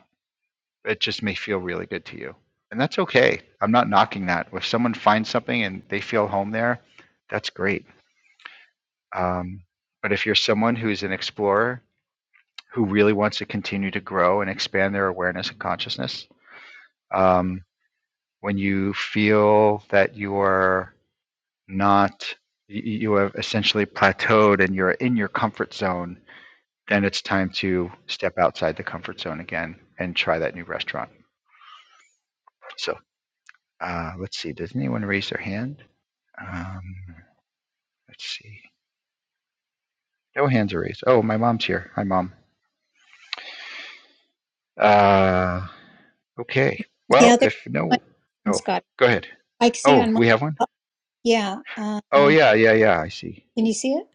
Speaker 2: It just may feel really good to you. And that's okay. I'm not knocking that. If someone finds something and they feel home there, that's great. Um, but if you're someone who's an explorer who really wants to continue to grow and expand their awareness and consciousness, um, when you feel that you are not, you have essentially plateaued and you're in your comfort zone, then it's time to step outside the comfort zone again and try that new restaurant. So uh, let's see, does anyone raise their hand? Um, let's see. No hands are raised. Oh, my mom's here. Hi, mom. Uh, okay. Well,
Speaker 1: Yeah, there's
Speaker 2: if
Speaker 1: one
Speaker 2: no,
Speaker 1: question,
Speaker 2: oh,
Speaker 1: Scotty.
Speaker 2: go ahead.
Speaker 1: I see
Speaker 2: Oh,
Speaker 1: on my
Speaker 2: we have one.
Speaker 1: uh, yeah. Um,
Speaker 2: Oh,
Speaker 1: can
Speaker 2: yeah, yeah, yeah. I see.
Speaker 1: you see it?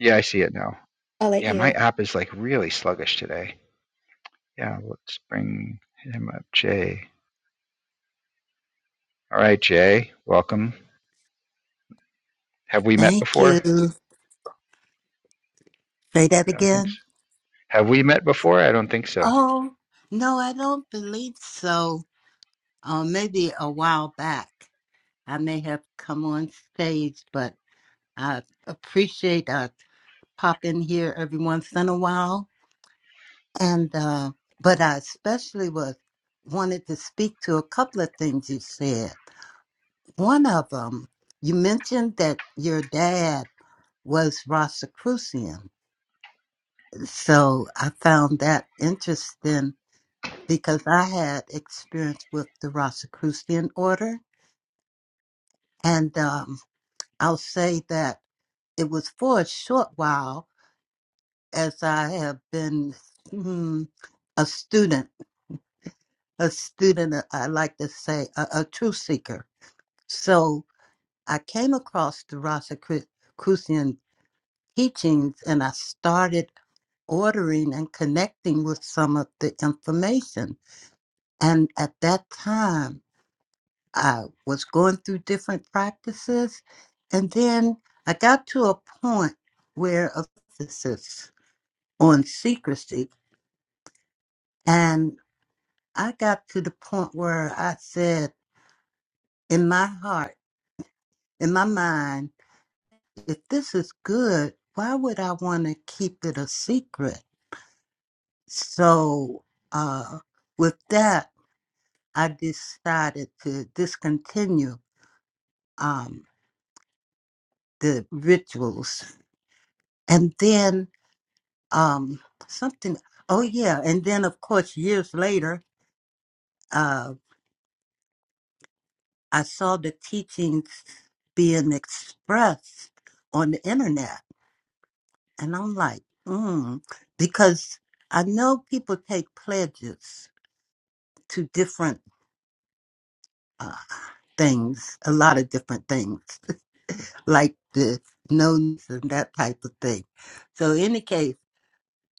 Speaker 2: Yeah, I see it now.
Speaker 1: I'll let
Speaker 2: Yeah, my
Speaker 1: you.
Speaker 2: app is like really sluggish today. Yeah, let's bring him up, Jay. All right, Jay, welcome. Have we met
Speaker 3: Thank
Speaker 2: before?
Speaker 3: you. Say that
Speaker 2: I don't think
Speaker 3: again.
Speaker 2: so. Have we met before? I don't think so.
Speaker 3: Oh, no, I don't believe so. Uh, maybe a while back, I may have come on stage, but I appreciate I pop in here every once in a while. And uh, but I especially was wanted to speak to a couple of things you said. One of them, you mentioned that your dad was Rosicrucian, so I found that interesting because I had experience with the Rosicrucian order. And um, I'll say that it was for a short while as I have been hmm, a student, a student, uh, I like to say, a, a truth seeker. So I came across the Rosicrucian teachings and I started ordering and connecting with some of the information. And at that time, I was going through different practices, and then I got to a point where of emphasis on secrecy, and I got to the point where I said in my heart, in my mind, if this is good, why would I want to keep it a secret? So, uh, with that, I decided to discontinue um, the rituals, and then um something oh yeah and then of course years later uh i saw the teachings being expressed on the internet and i'm like mm because i know people take pledges to different uh things a lot of different things like the knowns and that type of thing so in any case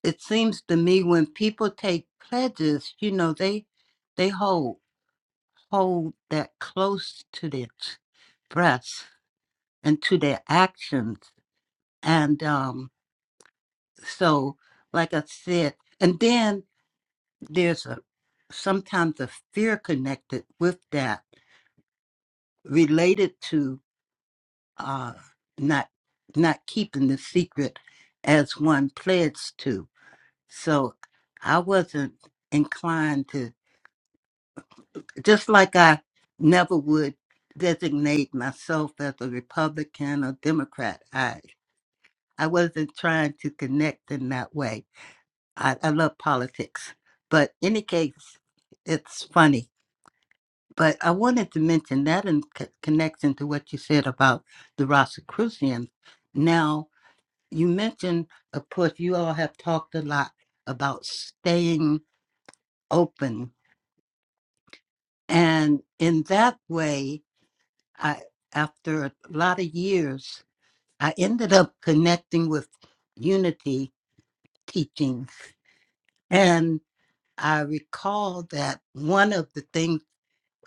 Speaker 3: it seems to me when people take pledges you know they they hold hold that close to their ch- breasts and to their actions. And um, so, like I said, and then there's a sometimes a fear connected with that, related to uh, not not keeping the secret as one pledged to. So I wasn't inclined to just like I never would designate myself as a Republican or Democrat. I I wasn't trying to connect in that way. I, I love politics, but any case, it's funny. But I wanted to mention that in c- connection to what you said about the Rosicrucians. Now you mentioned, of course, you all have talked a lot about staying open, and in that way, I, after a lot of years, I ended up connecting with Unity teaching. And I recall that one of the things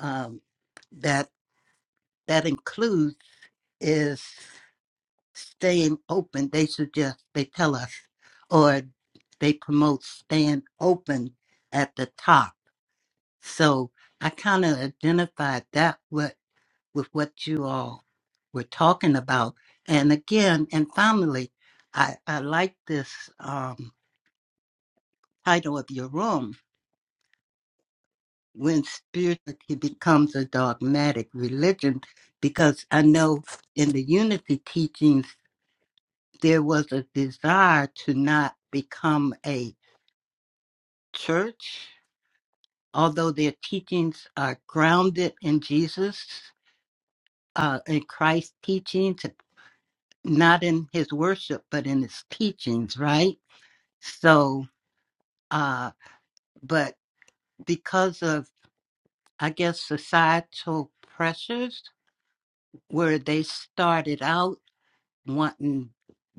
Speaker 3: um, that that includes is staying open. They suggest, they tell us, or they promote staying open at the top. So I kind of identified that with what you all were talking about. And again, and finally, I, I like this um, title of your room, When Spirituality Becomes a Dogmatic Religion, because I know in the unity teachings, there was a desire to not become a church, although their teachings are grounded in Jesus, uh, in Christ's teachings, not in his worship, but in his teachings, right? So, uh, but because of, I guess, societal pressures, where they started out wanting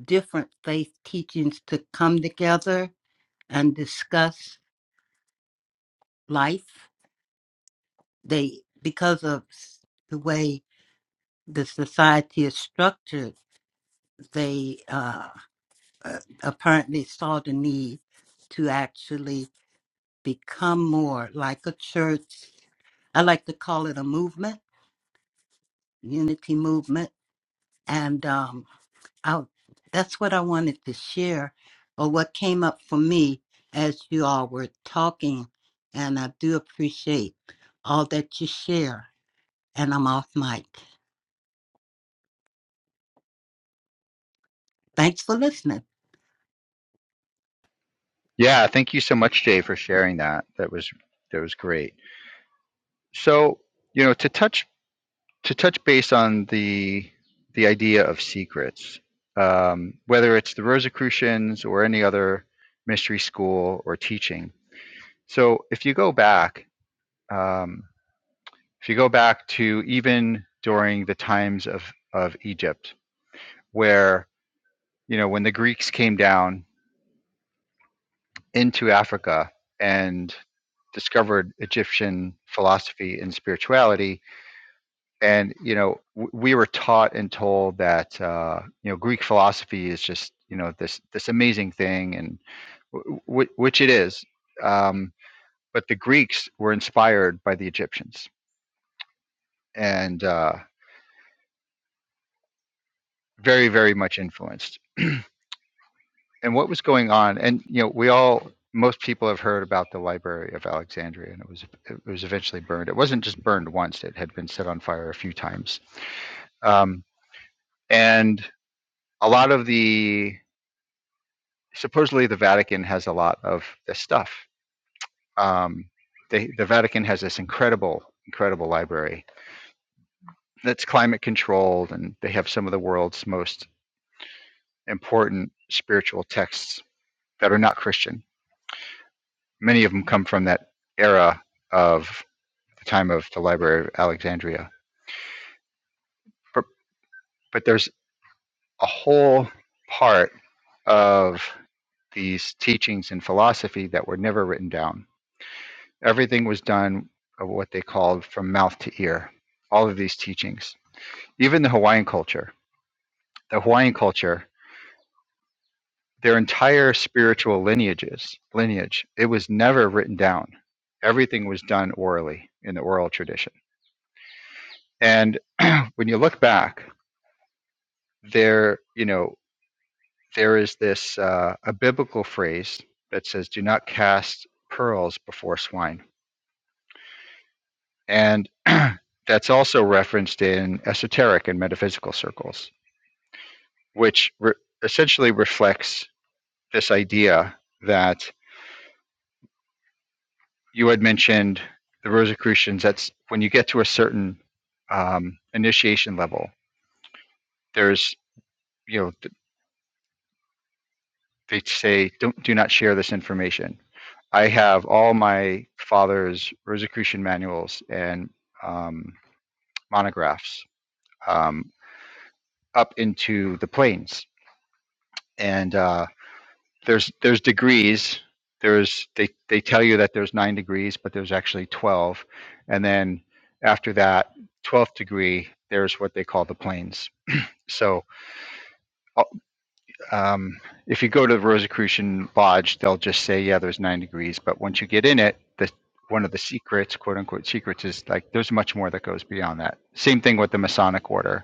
Speaker 3: different faith teachings to come together and discuss life, they, because of s- the way the society is structured, they uh, uh, apparently saw the need to actually become more like a church. I like to call it a movement, unity movement And um, I, that's what I wanted to share, or what came up for me as you all were talking. And I do appreciate all that you share. And I'm off mic. Thanks for listening.
Speaker 2: Yeah, thank you so much, Jay, for sharing that. That was that was great. So, you know, to touch to touch base on the the idea of secrets, um, whether it's the Rosicrucians or any other mystery school or teaching. So if you go back, um, if you go back to even during the times of of Egypt, where you know when the Greeks came down into Africa and discovered Egyptian philosophy and spirituality, and you know w- we were taught and told that uh, you know Greek philosophy is just you know this this amazing thing, and w- w- which it is. Um, but the Greeks were inspired by the Egyptians and uh, very very much influenced. and what was going on? And you know we all most people have heard about the Library of Alexandria, and it was it was eventually burned. It wasn't just burned once; it had been set on fire a few times. Um, and a lot of the supposedly the Vatican has a lot of this stuff. Um, they, the Vatican has this incredible, incredible library that's climate controlled, and they have some of the world's most important spiritual texts that are not Christian. Many of them come from that era of the time of the Library of Alexandria. But, but there's a whole part of these teachings and philosophy that were never written down Everything was done of what they called from mouth to ear. All of these teachings, even the Hawaiian culture, the Hawaiian culture, their entire spiritual lineages, lineage, it was never written down. Everything was done orally in the oral tradition. And when you look back, there, you know, there is this uh, a biblical phrase that says, "Do not cast pearls before swine," and that's also referenced in esoteric and metaphysical circles. which re- essentially reflects this idea that you had mentioned the Rosicrucians. That's when you get to a certain um, initiation level. There's, you know, th- they say don't do not share this information. I have all my father's Rosicrucian manuals and um, monographs um, up into the plains, and uh, there's there's degrees. There's they they tell you that there's nine degrees, but there's actually twelve. And then after that twelfth degree, there's what they call the planes. So uh, um, if you go to the Rosicrucian Lodge, they'll just say, yeah, there's nine degrees. But once you get in it, the one of the secrets, quote unquote secrets, is like there's much more that goes beyond that. Same thing with the Masonic Order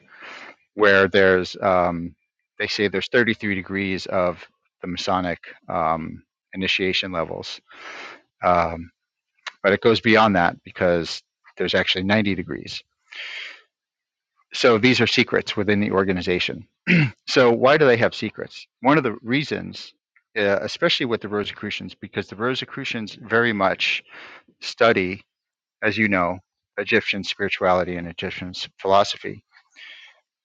Speaker 2: where there's um, they say there's 33 degrees of the Masonic um, initiation levels, um, but it goes beyond that because there's actually 90 degrees. So these are secrets within the organization. So why do they have secrets? One of the reasons, uh, especially with the Rosicrucians, because the Rosicrucians very much study, as you know, Egyptian spirituality and Egyptian philosophy.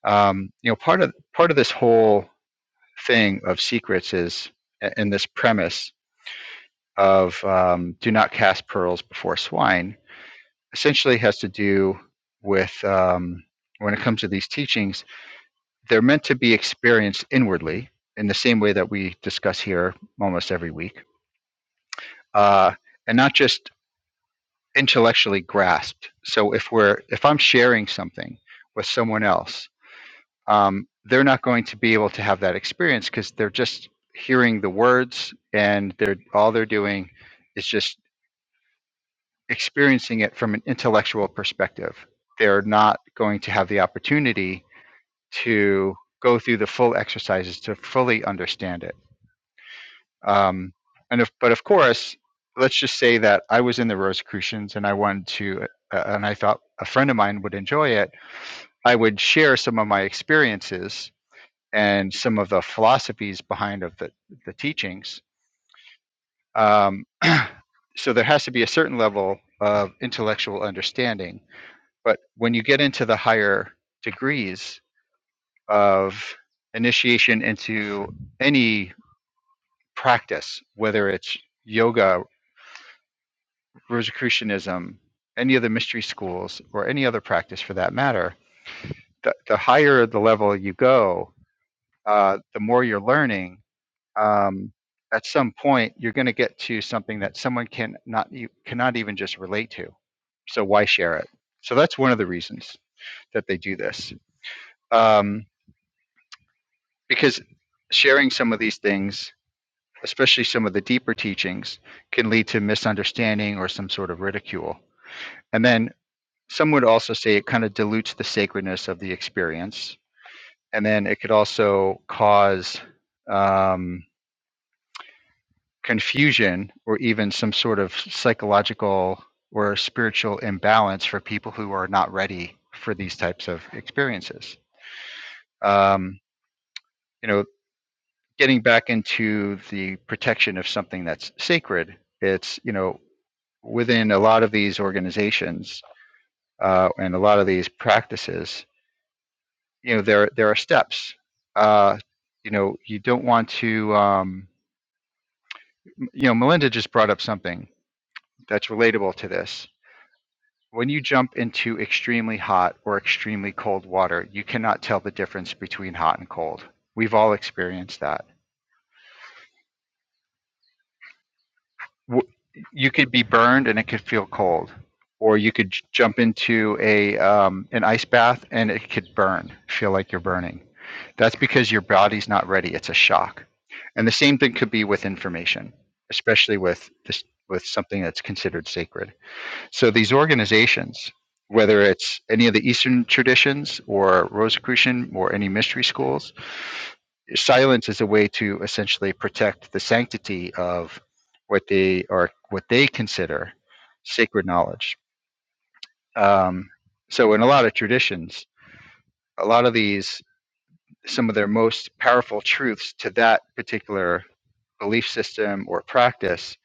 Speaker 2: Um, you know, part of part of this whole thing of secrets is in this premise of um, do not cast pearls before swine essentially has to do with um, when it comes to these teachings they're meant to be experienced inwardly in the same way that we discuss here almost every week uh, and not just intellectually grasped so if we're if i'm sharing something with someone else um, they're not going to be able to have that experience because they're just hearing the words and they're all they're doing is just experiencing it from an intellectual perspective. They're not going to have the opportunity to go through the full exercises to fully understand it. Um, and if, but of course, let's just say that I was in the Rosicrucians and I wanted to, uh, and I thought a friend of mine would enjoy it. I would share some of my experiences and some of the philosophies behind of the, the teachings. Um, so there has to be a certain level of intellectual understanding. But when you get into the higher degrees of initiation into any practice, whether it's yoga, Rosicrucianism, any of the mystery schools, or any other practice for that matter, the, the higher the level you go, uh, the more you're learning um, at some point you're going to get to something that someone can not you cannot even just relate to so why share it so that's one of the reasons that they do this um, because sharing some of these things especially some of the deeper teachings can lead to misunderstanding or some sort of ridicule and then some would also say it kind of dilutes the sacredness of the experience and then it could also cause um, confusion or even some sort of psychological or spiritual imbalance for people who are not ready for these types of experiences. Um, you know, getting back into the protection of something that's sacred, it's, you know, within a lot of these organizations uh, and a lot of these practices, you know, there, there are steps. Uh, you know, you don't want to, um, you know, Melinda just brought up something that's relatable to this When you jump into extremely hot or extremely cold water, you cannot tell the difference between hot and cold. We've all experienced that. You could be burned and it could feel cold, or you could jump into a um, an ice bath and it could burn, feel like you're burning. That's because your body's not ready. It's a shock. And the same thing could be with information, especially with this, with something that's considered sacred. So these organizations, whether it's any of the Eastern traditions or Rosicrucian or any mystery schools, silence is a way to essentially protect the sanctity of what they are, what they consider sacred knowledge. Um, so in a lot of traditions, a lot of these, some of their most powerful truths to that particular belief system or practice,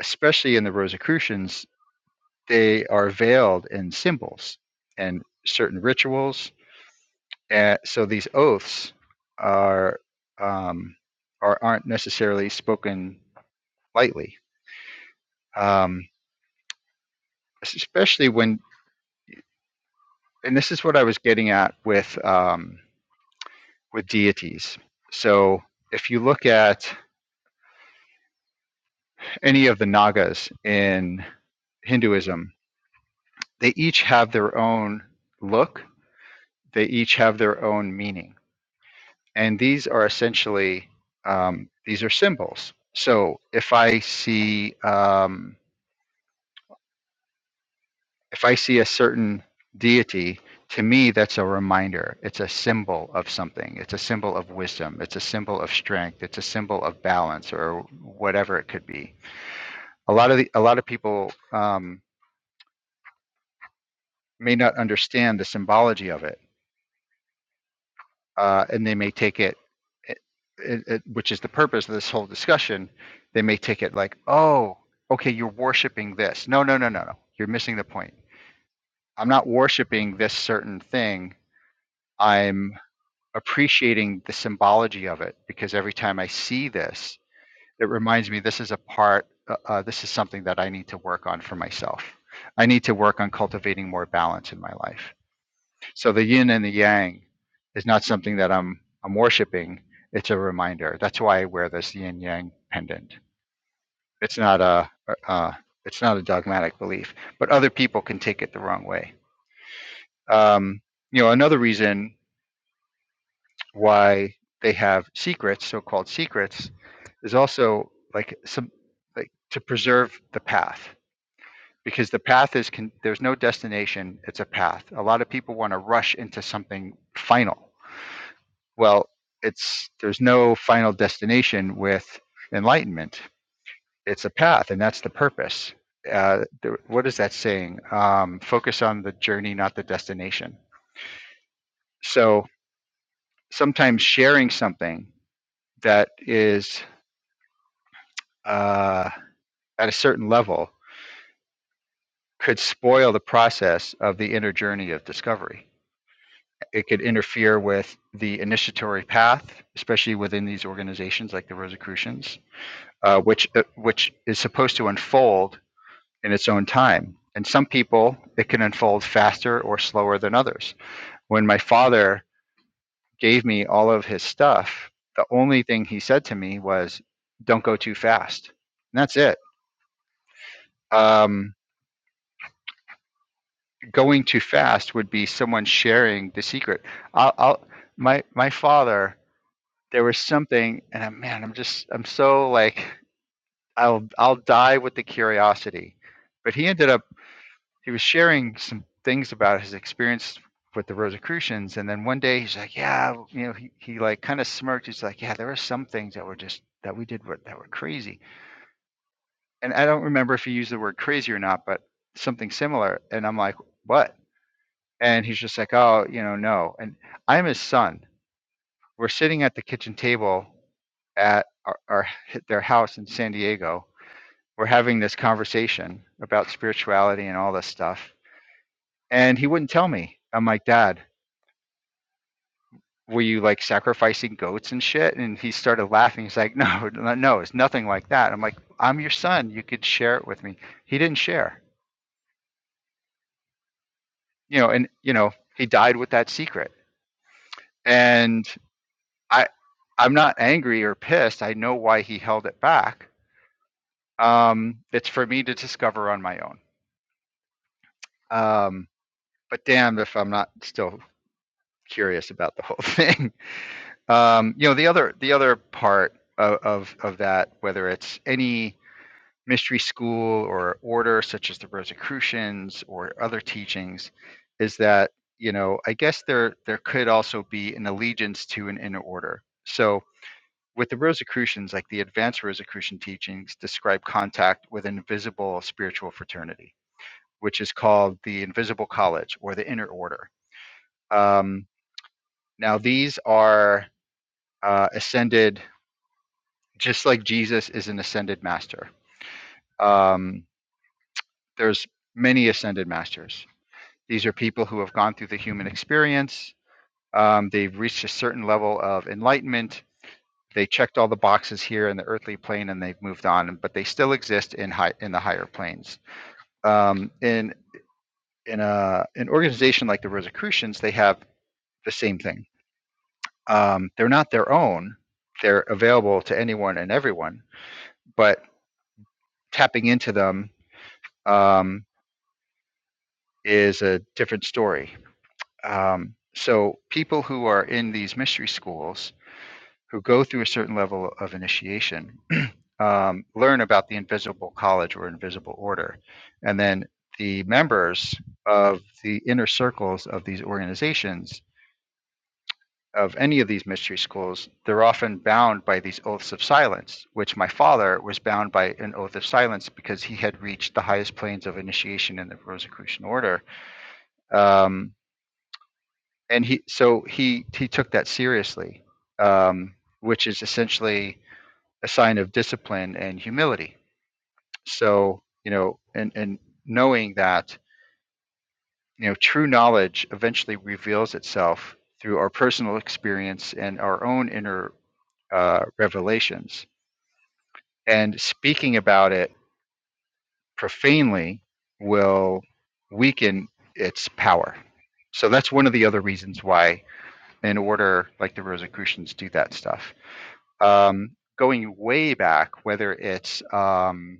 Speaker 2: especially in the Rosicrucians, they are veiled in symbols and certain rituals. And so these oaths are um, are aren't necessarily spoken lightly, um, especially when. And this is what I was getting at with um, with deities. So if you look at any of the Nagas in Hinduism, they each have their own look. They each have their own meaning and these are essentially um, these are symbols. So if I see um, if I see a certain deity, to me that's a reminder. It's a symbol of something. It's a symbol of wisdom. It's a symbol of strength. It's a symbol of balance or whatever it could be. A lot of the, a lot of people um, may not understand the symbology of it uh, and they may take it, it, it, which is the purpose of this whole discussion. They may take it like, oh, okay, you're worshiping this. No, no, no, no, no. You're missing the point. I'm not worshiping this certain thing. I'm appreciating the symbology of it because every time I see this, it reminds me this is a part, uh, uh, this is something that I need to work on for myself. I need to work on cultivating more balance in my life. So the yin and the yang is not something that I'm I'm worshiping. It's a reminder. That's why I wear this yin yang pendant. It's not a uh, it's not a dogmatic belief, but other people can take it the wrong way. Um, you know, another reason why they have secrets, so-called secrets, is also like some like to preserve the path because the path is con- there's no destination. It's a path. A lot of people want to rush into something final Well, it's there's no final destination with enlightenment. It's a path, and that's the purpose. Uh, the, what is that saying? Um, focus on the journey, not the destination. So sometimes sharing something that is uh, at a certain level could spoil the process of the inner journey of discovery. It could interfere with the initiatory path, especially within these organizations like the Rosicrucians uh, which uh, which is supposed to unfold in its own time. And some people, it can unfold faster or slower than others. When my father gave me all of his stuff, the only thing he said to me was, "Don't go too fast." And that's it. Um, going too fast would be someone sharing the secret. I'll, I'll my my father. There was something, and I'm, man, I'm just I'm so like I'll I'll die with the curiosity. But he ended up he was sharing some things about his experience with the Rosicrucians, and then one day he's like, "Yeah, you know," he, he like kind of smirked. He's like, "Yeah, there were some things that were just that we did were, that were crazy," and I don't remember if he used the word crazy or not, but something similar. And I'm like, "What?" And he's just like, "Oh, you know, no." And I'm his son. We're sitting at the kitchen table at our, our their house in San Diego. We're having this conversation about spirituality and all this stuff, and he wouldn't tell me. I'm like, Dad, were you like sacrificing goats and shit? And he started laughing. He's like, no, no, no, it's nothing like that. I'm like, I'm your son. You could share it with me. He didn't share, you know, and, you know, he died with that secret. And I, I'm not angry or pissed. I know why he held it back. Um, it's for me to discover on my own. Um, but damn, if I'm not still curious about the whole thing. Um, you know, the other, the other part of, of, of that, whether it's any mystery school or order such as the Rosicrucians or other teachings is that you know I guess there there could also be an allegiance to an inner order. So with the Rosicrucians, like the advanced Rosicrucian teachings describe contact with an invisible spiritual fraternity, which is called the invisible college or the inner order. Um, now these are uh, ascended, just like Jesus is an ascended master. Um, there's many ascended masters These are people who have gone through the human experience. Um, they've reached a certain level of enlightenment. They checked all the boxes here in the earthly plane, and they've moved on. But they still exist in high in the higher planes. Um, in in a an organization like the Rosicrucians, they have the same thing. Um, they're not their own. They're available to anyone and everyone. But tapping into them um, is a different story. Um, so people who are in these mystery schools who go through a certain level of initiation um, learn about the invisible college or invisible order. And then the members of the inner circles of these organizations, of any of these mystery schools, they're often bound by these oaths of silence, which my father was bound by an oath of silence because he had reached the highest planes of initiation in the Rosicrucian order. Um, and he, so he, he took that seriously, um, which is essentially a sign of discipline and humility. So, you know, and, and knowing that, you know, true knowledge eventually reveals itself through our personal experience and our own inner uh, revelations. And speaking about it profanely will weaken its power. So that's one of the other reasons why, in order, like the Rosicrucians do that stuff. Um, going way back, whether it's um,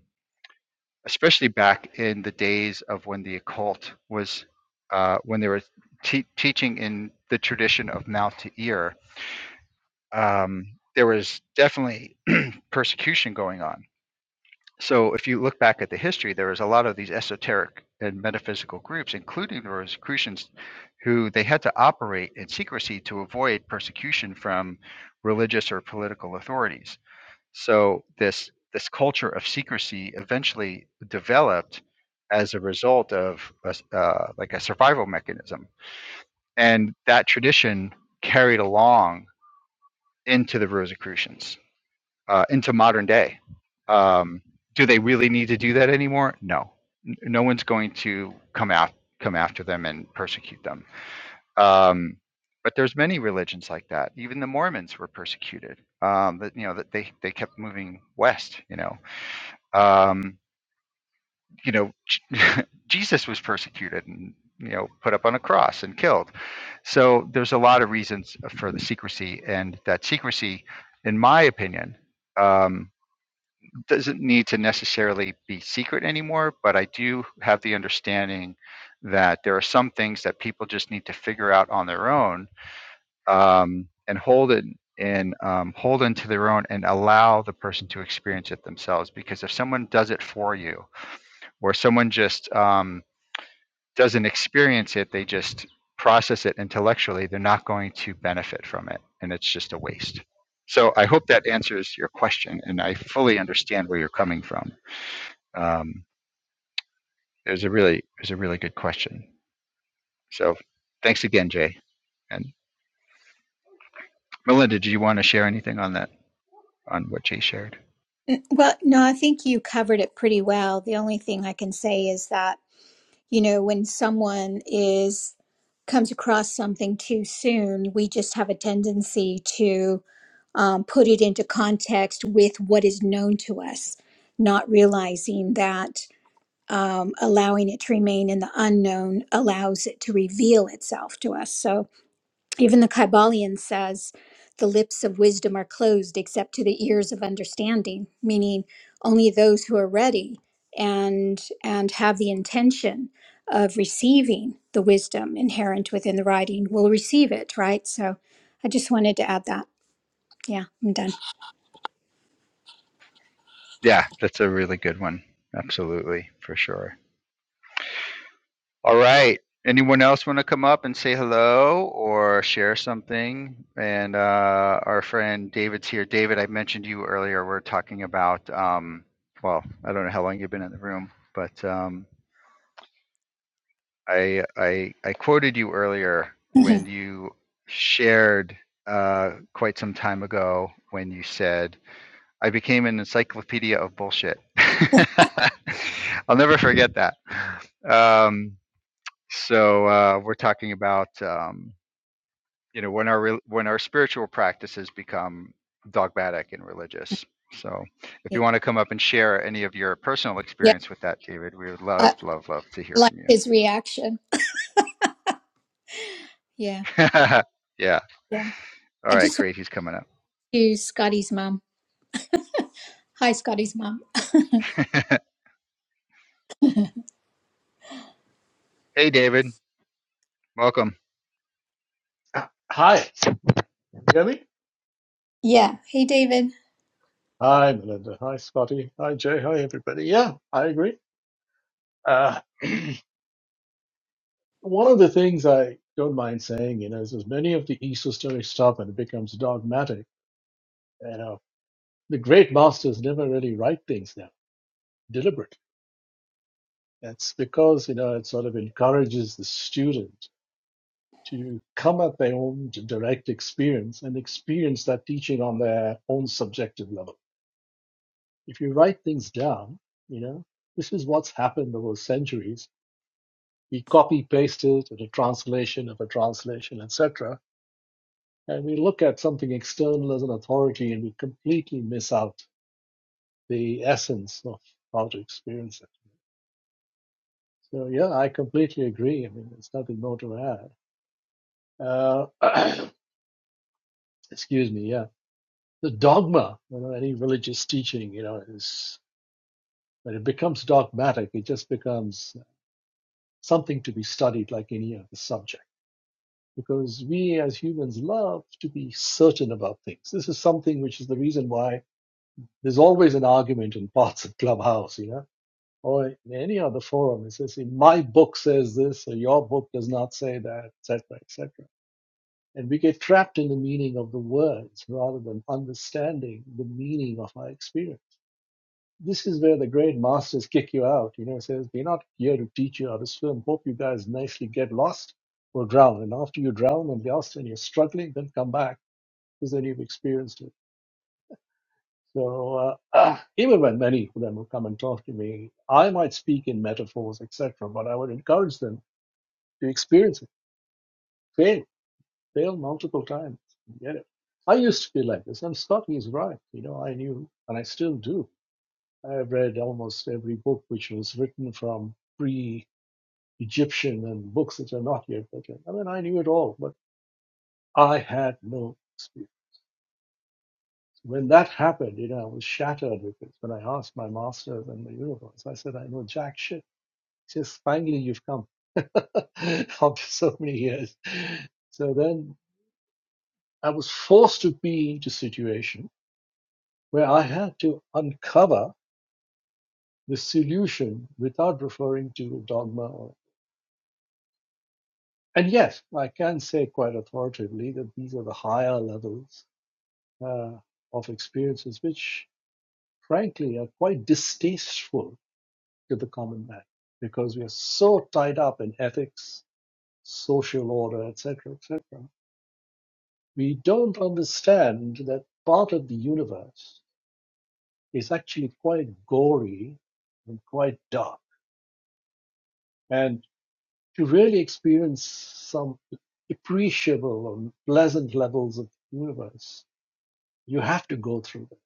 Speaker 2: especially back in the days of when the occult was, uh, when they were te- teaching in the tradition of mouth to ear, um, there was definitely persecution going on. So if you look back at the history, there was a lot of these esoteric and metaphysical groups, including the Rosicrucians, who they had to operate in secrecy to avoid persecution from religious or political authorities so this this culture of secrecy eventually developed as a result of a s uh, like a survival mechanism, and that tradition carried along into the Rosicrucians, uh, into modern day. Um, do they really need to do that anymore? No, N- no one's going to come out come after them and persecute them. Um, but there's many religions like that. Even the Mormons were persecuted. Um, that you know that they they kept moving west. You know, um, you know, Jesus was persecuted and you know put up on a cross and killed. So there's a lot of reasons for the secrecy, and that secrecy, in my opinion, um, doesn't need to necessarily be secret anymore. But I do have the understanding that there are some things that people just need to figure out on their own um, and hold it and um, hold into their own and allow the person to experience it themselves because if someone does it for you where someone just um, doesn't experience it, they just process it intellectually, they're not going to benefit from it. And it's just a waste. So I hope that answers your question. And I fully understand where you're coming from. Um, it was a really, it was a really good question. So thanks again, Jay. And Melinda, do you want to share anything on that, on what Jay shared?
Speaker 1: Well, no, I think you covered it pretty well. The only thing I can say is that you know when someone is comes across something too soon we just have a tendency to um, put it into context with what is known to us not realizing that um, allowing it to remain in the unknown allows it to reveal itself to us so even the Kybalion says, the lips of wisdom are closed except to the ears of understanding, meaning only those who are ready and and have the intention of receiving the wisdom inherent within the writing will receive it, right? So I just wanted to add that. Yeah, I'm done.
Speaker 2: Yeah, that's a really good one. Absolutely, for sure. All right. Anyone else want to come up and say hello or share something? And uh, our friend David's here. David, I mentioned you earlier. We're talking about, um, well, I don't know how long you've been in the room, but um, I, I I quoted you earlier when you shared uh, quite some time ago when you said, "I became an encyclopedia of bullshit." I'll never forget that. Um, so uh, we're talking about um, you know when our re- when our spiritual practices become dogmatic and religious. So if you want to come up and share any of your personal
Speaker 1: Yeah,
Speaker 2: experience with that, David, we would
Speaker 1: I
Speaker 2: love,
Speaker 1: I
Speaker 2: love, love to hear
Speaker 1: like
Speaker 2: from
Speaker 1: his reaction. yeah,
Speaker 2: you. yeah.
Speaker 1: yeah.
Speaker 2: All
Speaker 1: I
Speaker 2: right.
Speaker 1: just want
Speaker 2: Great. He's coming up.
Speaker 1: to Scotty's mom. Hi, Scotty's mom.
Speaker 2: Hey, David. Welcome.
Speaker 4: Hi, can you hear me?
Speaker 1: Yeah. Hey, David.
Speaker 4: Hi, Melinda. Hi, Scotty. Hi, Jay. Hi, everybody. Yeah, I agree. Uh, one of the things I don't mind saying, you know, is as many of the ESO stories stop and it becomes dogmatic, you know, the great masters never really write things down deliberately. That's because, you know, it sort of encourages the student to come at their own direct experience and experience that teaching on their own subjective level If you write things down, you know, this is what's happened over centuries. We copy paste it in a translation of a translation, etc. And we look at something external as an authority and we completely miss out the essence of how to experience it. So yeah, I completely agree. I mean, there's nothing more to add. Uh, excuse me. Yeah, the dogma, you know, any religious teaching, you know, is when it becomes dogmatic, it just becomes something to be studied like any other subject. because we as humans love to be certain about things. This is something which is the reason why there's always an argument in parts of Clubhouse, you know, or in any other forum. It says, my book says this, or your book does not say that, etc., etc. And we get trapped in the meaning of the words rather than understanding the meaning of our experience this is where the grade masters kick you out. You know, says we're not here to teach you how to swim. Hope you guys nicely get lost or drown. And after you drown and lost and you're struggling, then come back because then you've experienced it. So uh, even when many of them will come and talk to me, I might speak in metaphors, etc. But I would encourage them to experience it. Fail, fail multiple times, and get it. I used to be like this, and Scotty is right. You know, I knew, and I still do. I have read almost every book which was written from pre. Egyptian and books which are not yet written. I mean, I knew it all, but I had no experience. When that happened, you know, I was shattered because when I asked my masters and the universe, I said, I know jack shit. He says, finally, you've come after so many years. So then I was forced to be into a situation where I had to uncover the solution without referring to a dogma. Or, and yes, I can say quite authoritatively that these are the higher levels uh, of experiences, which frankly are quite distasteful to the common man because we are so tied up in ethics, social order, etc., etc. We don't understand that part of the universe is actually quite gory and quite dark. And to really experience some appreciable and pleasant levels of the universe, you have to go through it.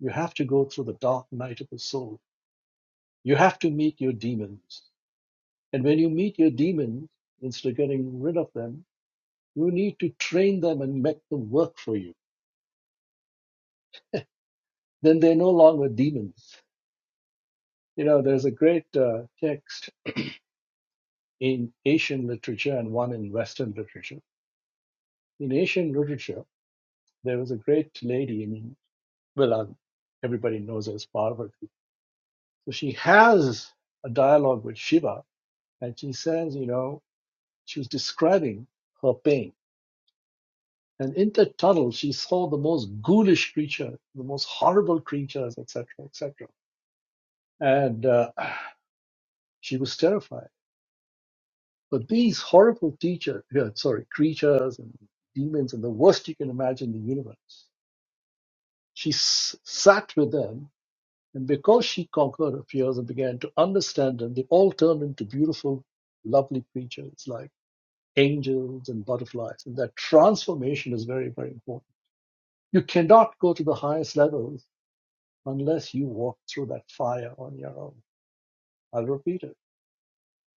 Speaker 4: You have to go through the dark night of the soul You have to meet your demons. And when you meet your demons, instead of getting rid of them, you need to train them and make them work for you. Then they're no longer demons. You know, there's a great uh, text in Asian literature and one in Western literature. In Asian literature, there was a great lady in, well, um, everybody knows her as Parvati. So she has a dialogue with Shiva and she says, you know, she was describing her pain And in the tunnel, she saw the most ghoulish creature, the most horrible creatures, etc., etc. And uh, she was terrified. But these horrible teacher, yeah, sorry, creatures and demons and the worst you can imagine in the universe, she s- sat with them. And because she conquered her fears and began to understand them, they all turned into beautiful, lovely creatures like angels and butterflies. And that transformation is very, very important. You cannot go to the highest levels unless you walk through that fire on your own. I'll repeat it.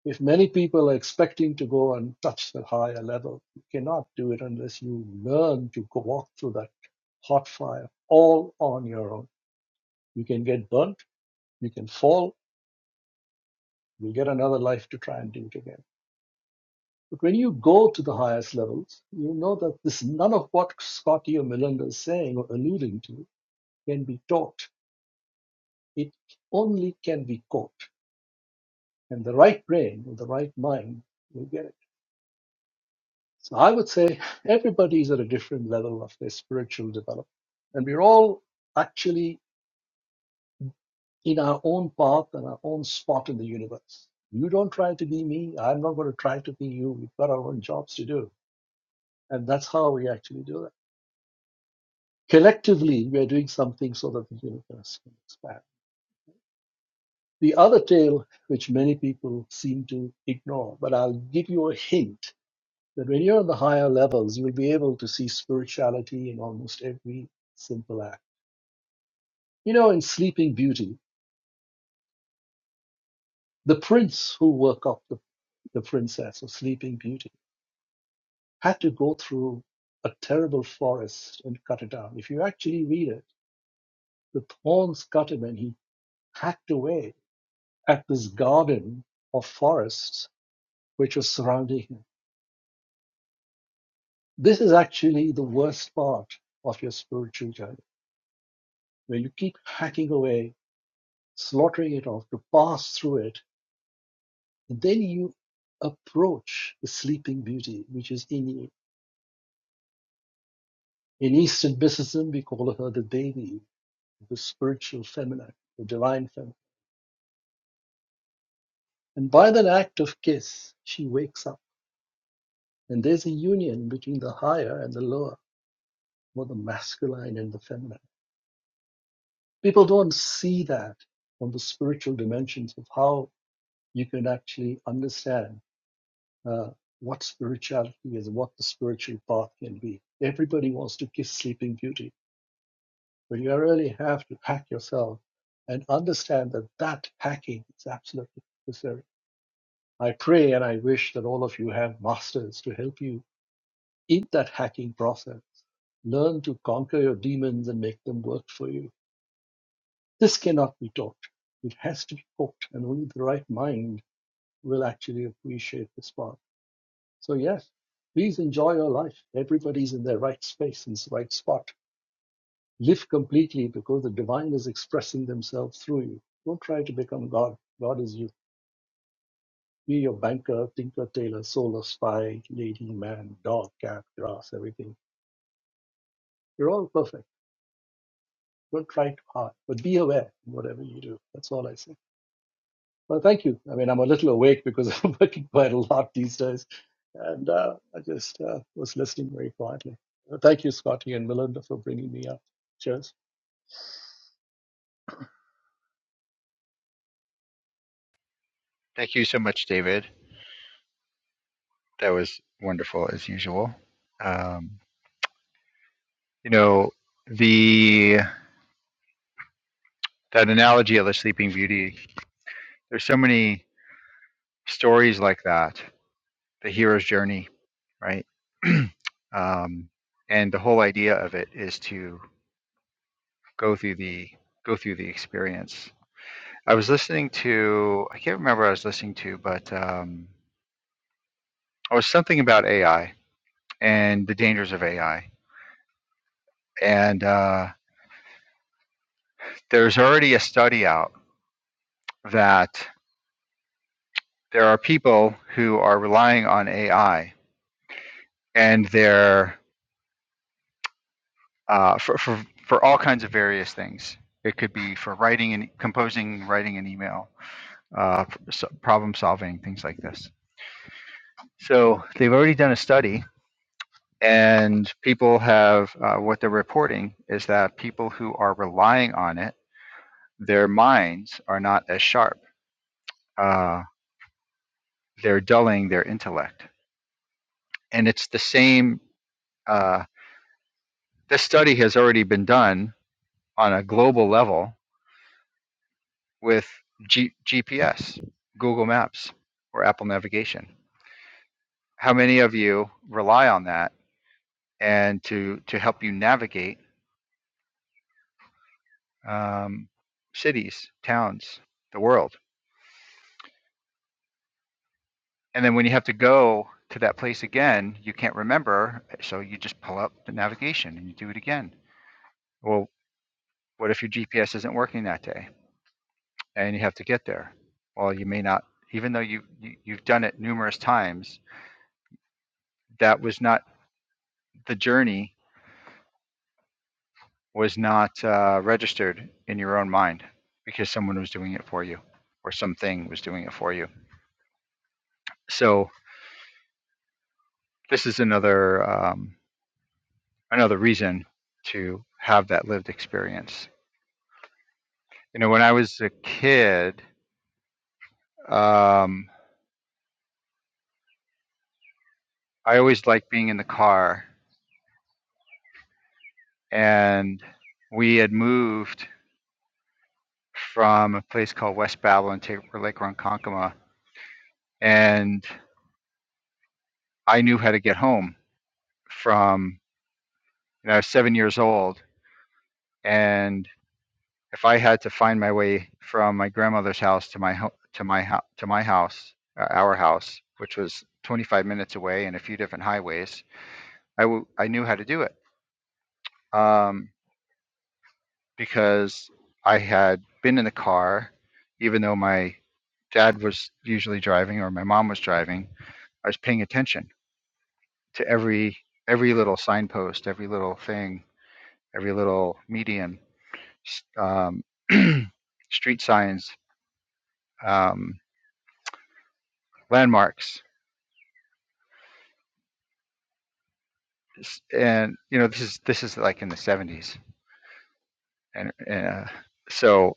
Speaker 4: If many people are expecting to go and touch the higher level, you cannot do it unless you learn to walk through that hot fire all on your own. You can get burnt, you can fall, you'll get another life to try and do it again. But when you go to the highest levels, you know that this none of what Scotty or Melinda is saying or alluding to can be taught. It only can be caught. And the right brain, or the right mind, will get it. So I would say everybody's at a different level of their spiritual development. And we're all actually in our own path and our own spot in the universe. You don't try to be me. I'm not going to try to be you. We've got our own jobs to do. And that's how we actually do that. Collectively, we're doing something so that the universe can expand. The other tale, which many people seem to ignore, but I'll give you a hint that when you're on the higher levels, you'll be able to see spirituality in almost every simple act You know, in Sleeping Beauty, the prince who woke up the, the princess of Sleeping Beauty had to go through a terrible forest and cut it down. If you actually read it, the thorns cut him and he hacked away at this garden of forests which was surrounding him. This is actually the worst part of your spiritual journey, where you keep hacking away, slaughtering it off to pass through it, and then you approach the sleeping beauty which is in you In Eastern mysticism, we call her the Devi, the spiritual feminine, the divine feminine. And by that act of kiss, she wakes up. And there's a union between the higher and the lower, or the masculine and the feminine. People don't see that from the spiritual dimensions of how you can actually understand uh, what spirituality is, what the spiritual path can be. Everybody wants to kiss Sleeping Beauty But you really have to pack yourself and understand that that packing is absolutely necessary. I pray and I wish that all of you have masters to help you in that hacking process. Learn to conquer your demons and make them work for you. This cannot be taught. It has to be cooked, and only the right mind will actually appreciate this part. So, yes, please enjoy your life. Everybody's in their right space and right spot Live completely because the divine is expressing themselves through you. Don't try to become God. God is you. Be your banker, tinker, tailor, solar spy, lady, man, dog, cat, grass, everything. You're all perfect. Don't try too hard, but be aware in whatever you do. That's all I say. Well, thank you. I mean, I'm a little awake because I'm working quite a lot these days. And uh, I just uh, was listening very quietly. Uh, Thank you, Scotty and Melinda, for bringing me up. Cheers.
Speaker 2: Thank you so much, David. That was wonderful as usual. Um, you know the that analogy of the Sleeping Beauty. There's so many stories like that the hero's journey, right? um, and the whole idea of it is to go through the go through the experience. I was listening to I can't remember what I was listening to, but um, I was something about AI and the dangers of AI. And uh, there's already a study out that there are people who are relying on AI and they're uh, for, for for all kinds of various things. It could be for writing and composing, writing an email uh, problem solving, things like this. So they've already done a study, and people have uh, what they're reporting is that people who are relying on it, their minds are not as sharp. Uh, they're dulling their intellect, and it's the same. Uh, this study has already been done on a global level with G- GPS, Google Maps, or Apple Navigation. How many of you rely on that and to to help you navigate? um, cities, towns, the world. And then when you have to go to that place again, you can't remember. So you just pull up the navigation and you do it again. Well, what if your GPS isn't working that day and you have to get there? Well, you may not, even though you, you, you've done it numerous times, that was not the journey was not uh, registered in your own mind because someone was doing it for you or something was doing it for you. So this is another um, another reason to have that lived experience. You know, when I was a kid, um, I always liked being in the car, and we had moved from a place called West Babylon to Lake Ronkonkoma, and I knew how to get home from. You know, I was seven years old, and if I had to find my way from my grandmother's house to my ho- to my ho- to my house, uh, our house, which was 25 minutes away and a few different highways, I, w- I knew how to do it um, because I had been in the car, even though my dad was usually driving or my mom was driving. I was paying attention to every every little signpost, every little thing, every little median, s- um, street signs, um, landmarks, S- and you know this is this is like in the 70s, and, uh, so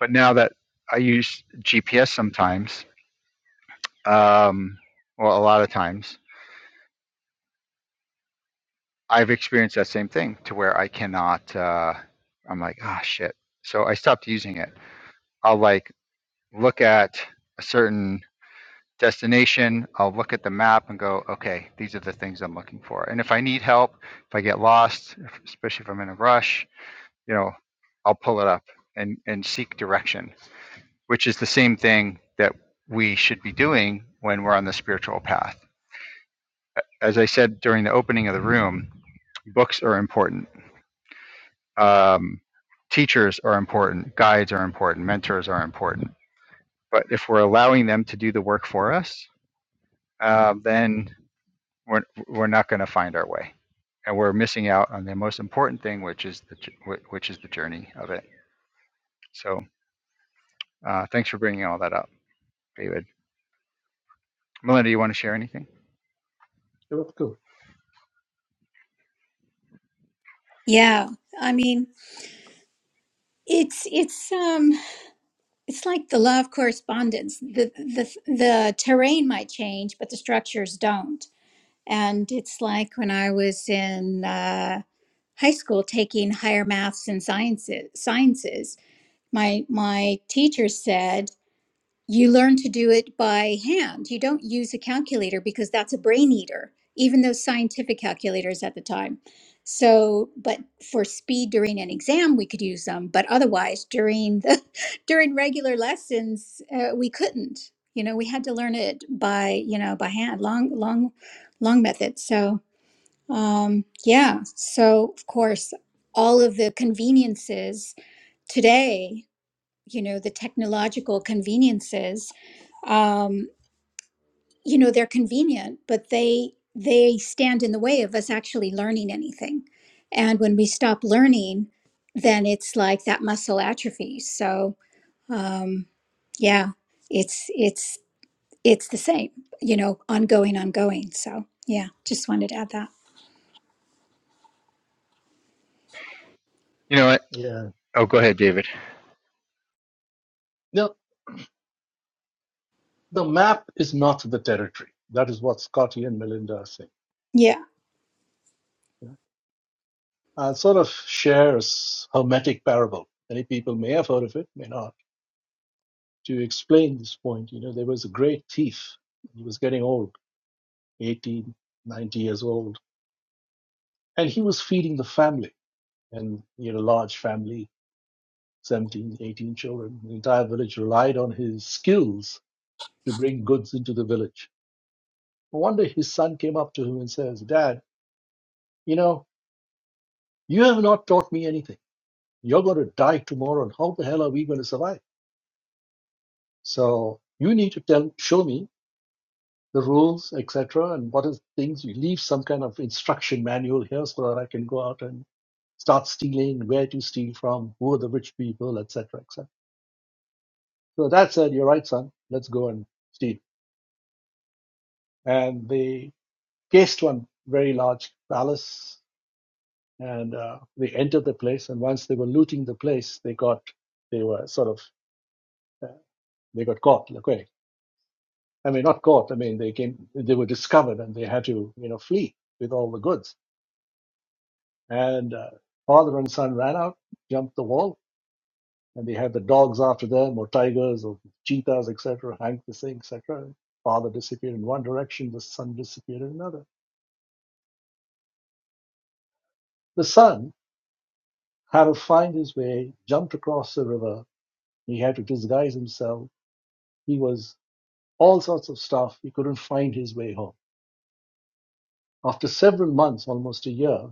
Speaker 2: but now that I use GPS sometimes Um, well, a lot of times I've experienced that same thing to where I cannot. Uh, I'm like, ah, shit. So I stopped using it. I'll like look at a certain destination. I'll look at the map and go, okay, these are the things I'm looking for. And if I need help, if I get lost, if, especially if I'm in a rush, you know, I'll pull it up and and seek direction, which is the same thing that we should be doing when we're on the spiritual path as I said during the opening of the room, books are important. Um, teachers are important. Guides are important. Mentors are important. But if we're allowing them to do the work for us, uh, then we're, we're not going to find our way. And we're missing out on the most important thing, which is the, j- which is the journey of it. So uh, thanks for bringing all that up, David. Melinda, you want to share anything?
Speaker 4: You're welcome.
Speaker 1: Yeah, I mean, it's it's um. it's like the law of correspondence. The, the the terrain might change, but the structures don't. And it's like when I was in uh, high school taking higher maths and sciences. Sciences. My my teacher said you learn to do it by hand. You don't use a calculator because that's a brain eater, even those scientific calculators at the time. So, but for speed during an exam, we could use them, but otherwise during the during regular lessons, uh, we couldn't. You know, we had to learn it by you know by hand, long, long, long method. So, um, yeah. So, of course, all of the conveniences today you know the technological conveniences um, you know they're convenient but they they stand in the way of us actually learning anything and when we stop learning then it's like that muscle atrophy so um, yeah it's it's it's the same you know ongoing ongoing so yeah just wanted to add that
Speaker 2: You know what?
Speaker 4: Yeah.
Speaker 2: Oh, go ahead, David.
Speaker 4: No, The map is not the territory. That is what Scotty and Melinda are saying.
Speaker 1: yeah
Speaker 4: yeah. I'll sort of share a hermetic parable. Many people may have heard of it, may not. To explain this point, you know, there was a great thief. He was getting old, 18, 90 years old, and he was feeding the family. And he had a large family, 17, 18 children. The entire village relied on his skills to bring goods into the village. One day his son came up to him and says, Dad, you know, you have not taught me anything. You're going to die tomorrow, and how the hell are we going to survive? So you need to tell, show me the rules, etc., and what is things. You leave some kind of instruction manual here so that I can go out and start stealing, where to steal from, who are the rich people, etc., etc. So that said, you're right, son. Let's go and steal. And they cased one very large palace, and uh, they entered the place. And once they were looting the place, they got they were sort of uh, they got caught. Okay, I mean, not caught. I mean, they came, they were discovered and they had to, you know, flee with all the goods. And uh, father and son ran out, jumped the wall, and they had the dogs after them, or tigers, or cheetahs, etc., hang the thing, etc. Father disappeared in one direction, the son disappeared in another. The son had to find his way, jumped across the river. He had to disguise himself. He was all sorts of stuff. He couldn't find his way home. After several months, almost a year,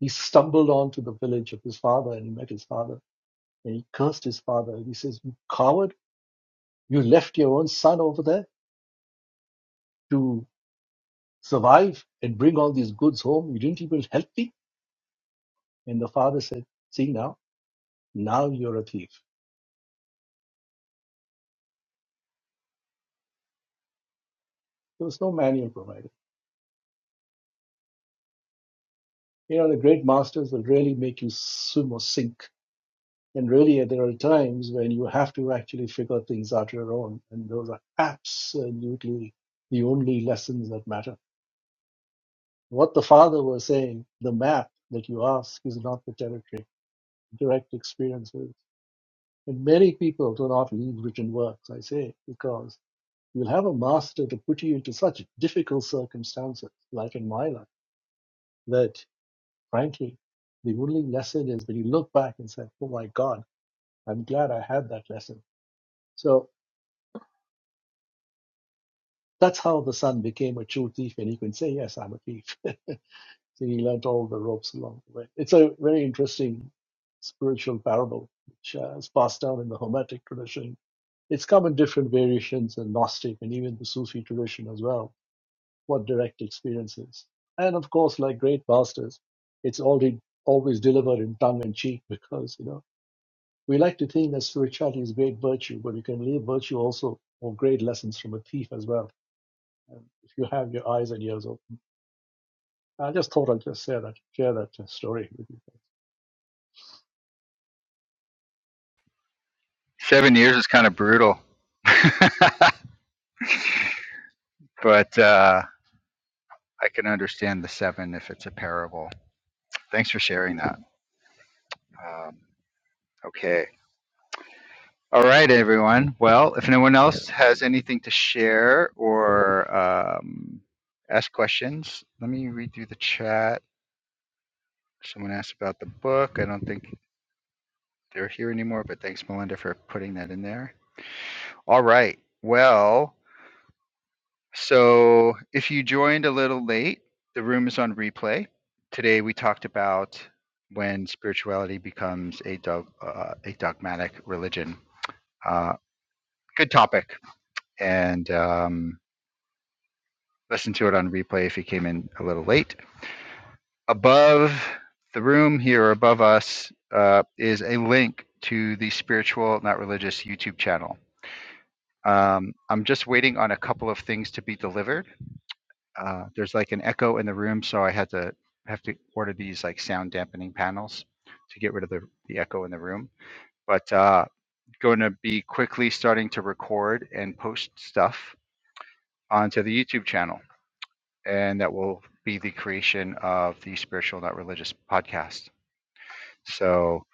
Speaker 4: He stumbled onto the village of his father and he met his father and he cursed his father and he says, You coward, you left your own son over there to survive and bring all these goods home. You didn't even help me. And the father said, See now, now you're a thief. There was no manual provided. You know, the great masters will really make you swim or sink. And really, there are times when you have to actually figure things out your own. And those are absolutely the only lessons that matter What the father was saying, the map that you ask is not the territory, direct experiences. And many people do not read written works, I say, because you'll have a master to put you into such difficult circumstances, like in my life, that frankly, the only lesson is when you look back and say, oh my God, I'm glad I had that lesson. So that's how the son became a true thief, and he can say, yes, I'm a thief. So he learnt all the ropes along the way. It's a very interesting spiritual parable, which uh, is passed down in the Hermetic tradition. It's come in different variations in Gnostic and even the Sufi tradition as well, what direct experience is. And of course, like great masters, it's already always delivered in tongue and cheek because, you know, we like to think that spirituality is great virtue, but you can leave virtue also or great lessons from a thief as well. And if you have your eyes and ears open, I just thought I'd just share that, share that uh, story with you.
Speaker 2: Seven years is kind of brutal. but uh, I can understand the seven if it's a parable. Thanks for sharing that. Um, okay. All right, everyone. Well, if no one else has anything to share or um, ask questions, let me read through the chat. Someone asked about the book. I don't think they're here anymore, but thanks, Melinda, for putting that in there. All right. Well, So if you joined a little late, the room is on replay. Today we talked about when spirituality becomes a dog, uh, a dogmatic religion. Uh, good topic, and um, listen to it on replay if you came in a little late. Above the room here, above us, uh, is a link to the spiritual, not religious, YouTube channel. Um, I'm just waiting on a couple of things to be delivered uh, there's like an echo in the room, so I had to have to order these like sound dampening panels to get rid of the, the echo in the room. But uh, going to be quickly starting to record and post stuff onto the YouTube channel, and that will be the creation of the Spiritual Not Religious podcast. So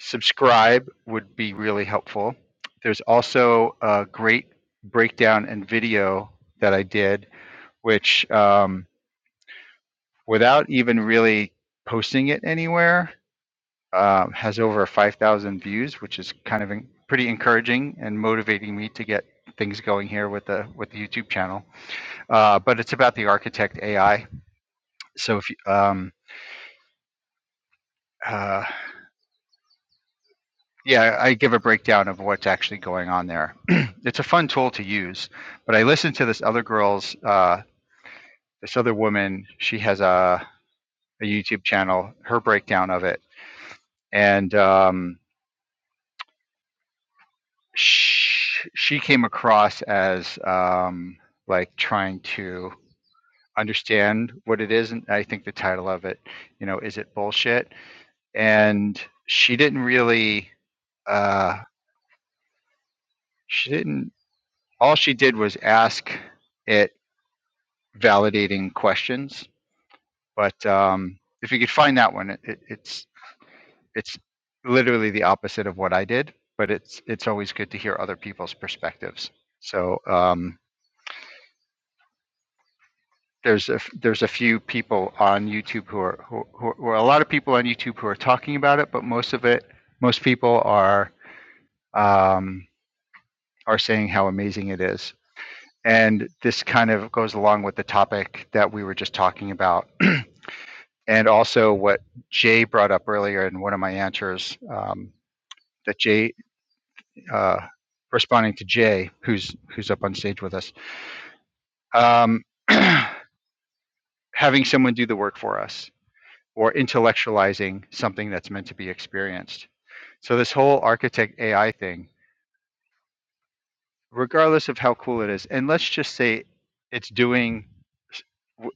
Speaker 2: subscribe would be really helpful. There's also a great breakdown and video that I did, which um, without even really posting it anywhere. Um, has over 5,000 views, which is kind of en- pretty encouraging and motivating me to get things going here with the with the YouTube channel. Uh, but it's about the Architect AI. So if you, um, uh, yeah, I give a breakdown of what's actually going on there. it's a fun tool to use. But I listened to this other girl's uh, this other woman. She has a a YouTube channel. Her breakdown of it and um, sh- she came across as um, like trying to understand what it is and i think the title of it you know is it bullshit and she didn't really uh, she didn't all she did was ask it validating questions but um, if you could find that one it, it, it's it's literally the opposite of what i did but it's it's always good to hear other people's perspectives so um, there's a there's a few people on YouTube who are who, who, who are a lot of people on YouTube who are talking about it, but most of it most people are um, are saying how amazing it is, and this kind of goes along with the topic that we were just talking about, and also what Jay brought up earlier in one of my answers um, that Jay uh, responding to Jay who's who's up on stage with us. Um, having someone do the work for us or intellectualizing something that's meant to be experienced. So this whole architect AI thing, regardless of how cool it is, and let's just say it's doing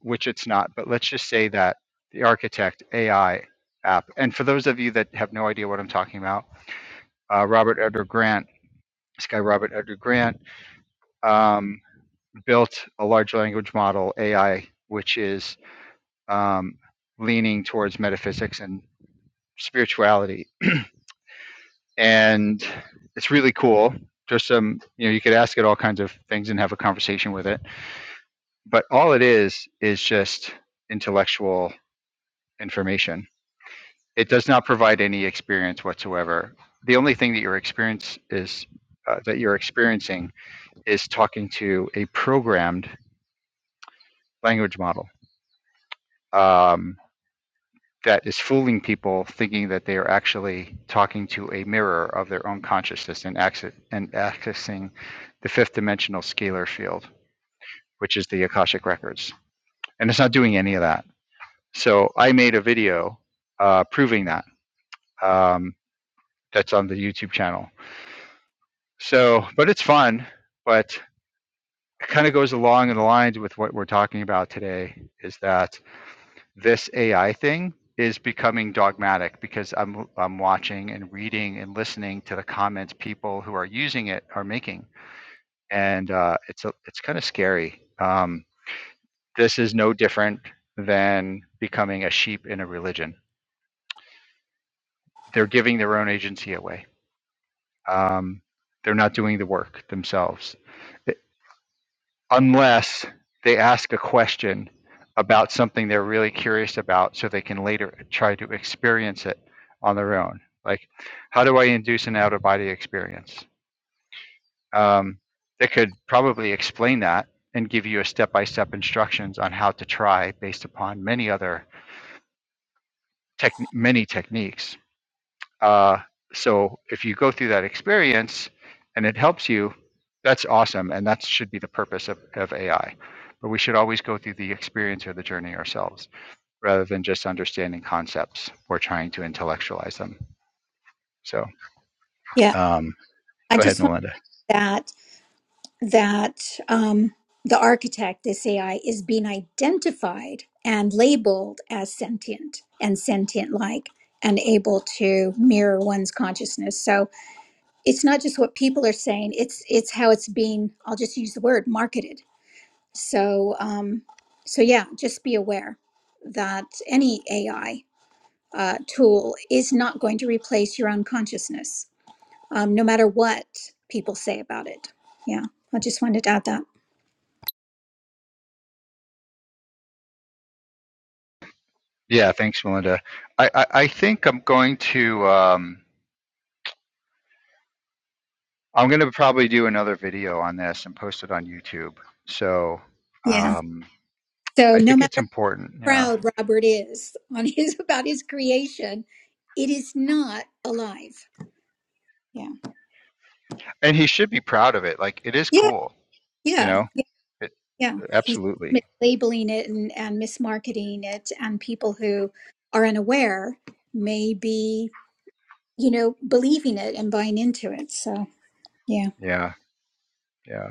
Speaker 2: which it's not, but let's just say that the architect AI app. And for those of you that have no idea what I'm talking about, uh, Robert Edgar Grant, this guy Robert Edgar Grant, um, built a large language model AI, which is um, leaning towards metaphysics and spirituality and it's really cool. There's some, you know, you could ask it all kinds of things and have a conversation with it. But all it is is just intellectual information. It does not provide any experience whatsoever. The only thing that your experience is uh, that you're experiencing is talking to a programmed language model. Um, that is fooling people thinking that they are actually talking to a mirror of their own consciousness and, access, and accessing the fifth dimensional scalar field, which is the Akashic Records. And it's not doing any of that. So I made a video uh, proving that. Um, that's on the YouTube channel. So, but it's fun, but it kind of goes along in the lines with what we're talking about today is that this AI thing is becoming dogmatic because I'm I'm watching and reading and listening to the comments people who are using it are making, and uh, it's a, it's kind of scary. Um, this is no different than becoming a sheep in a religion. They're giving their own agency away. Um, they're not doing the work themselves. unless they ask a question about something they're really curious about so they can later try to experience it on their own. Like, how do I induce an out of body experience? Um, they could probably explain that and give you a step by step instructions on how to try based upon many other tech many techniques Uh, so if you go through that experience and it helps you, that's awesome. And that should be the purpose of, of AI. But we should always go through the experience or the journey ourselves rather than just understanding concepts or trying to intellectualize them. So
Speaker 1: yeah
Speaker 2: um,
Speaker 1: i
Speaker 2: go ahead,
Speaker 1: just want
Speaker 2: Melinda.
Speaker 1: that that um, the architect, this AI, is being identified and labeled as sentient and sentient like and able to mirror one's consciousness. So it's not just what people are saying, it's it's how it's being, I'll just use the word marketed. So um so yeah, just be aware that any AI uh, tool is not going to replace your own consciousness, um, no matter what people say about it. Yeah, I just wanted to add that.
Speaker 2: Yeah, thanks, Melinda. I, I, I think I'm going to, um, I'm going to probably do another video on this and post it on YouTube. So um,
Speaker 1: So
Speaker 2: I
Speaker 1: no
Speaker 2: think
Speaker 1: matter
Speaker 2: it's
Speaker 1: how
Speaker 2: important. Yeah
Speaker 1: proud Robert is on his about his creation, it is not alive. Yeah.
Speaker 2: and he should be proud of it. Like it is
Speaker 1: Yeah.
Speaker 2: cool, you
Speaker 1: Yeah.
Speaker 2: know.
Speaker 1: Yeah.
Speaker 2: It
Speaker 1: yeah. He's
Speaker 2: absolutely,
Speaker 1: mislabeling it and, and mismarketing it and people who are unaware may be, you know, believing it and buying into it. So yeah.
Speaker 2: yeah, yeah,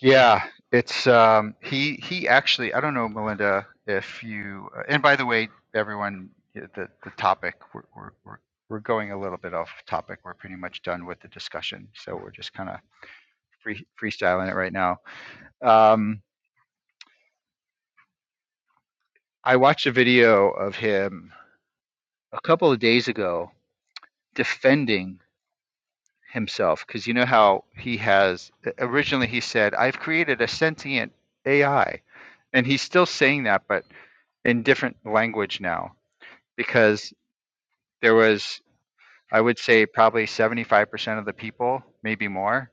Speaker 2: yeah. It's um, he he actually. I don't know, Melinda, if you. uh, And by the way, everyone, the the topic we're we're we're, we're going a little bit off topic. We're pretty much done with the discussion, so we're just kind of free, freestyling it right now. Um, I watched a video of him a couple of days ago defending himself because you know how he has originally he said i've created a sentient ai and he's still saying that but in different language now because there was i would say probably 75% of the people maybe more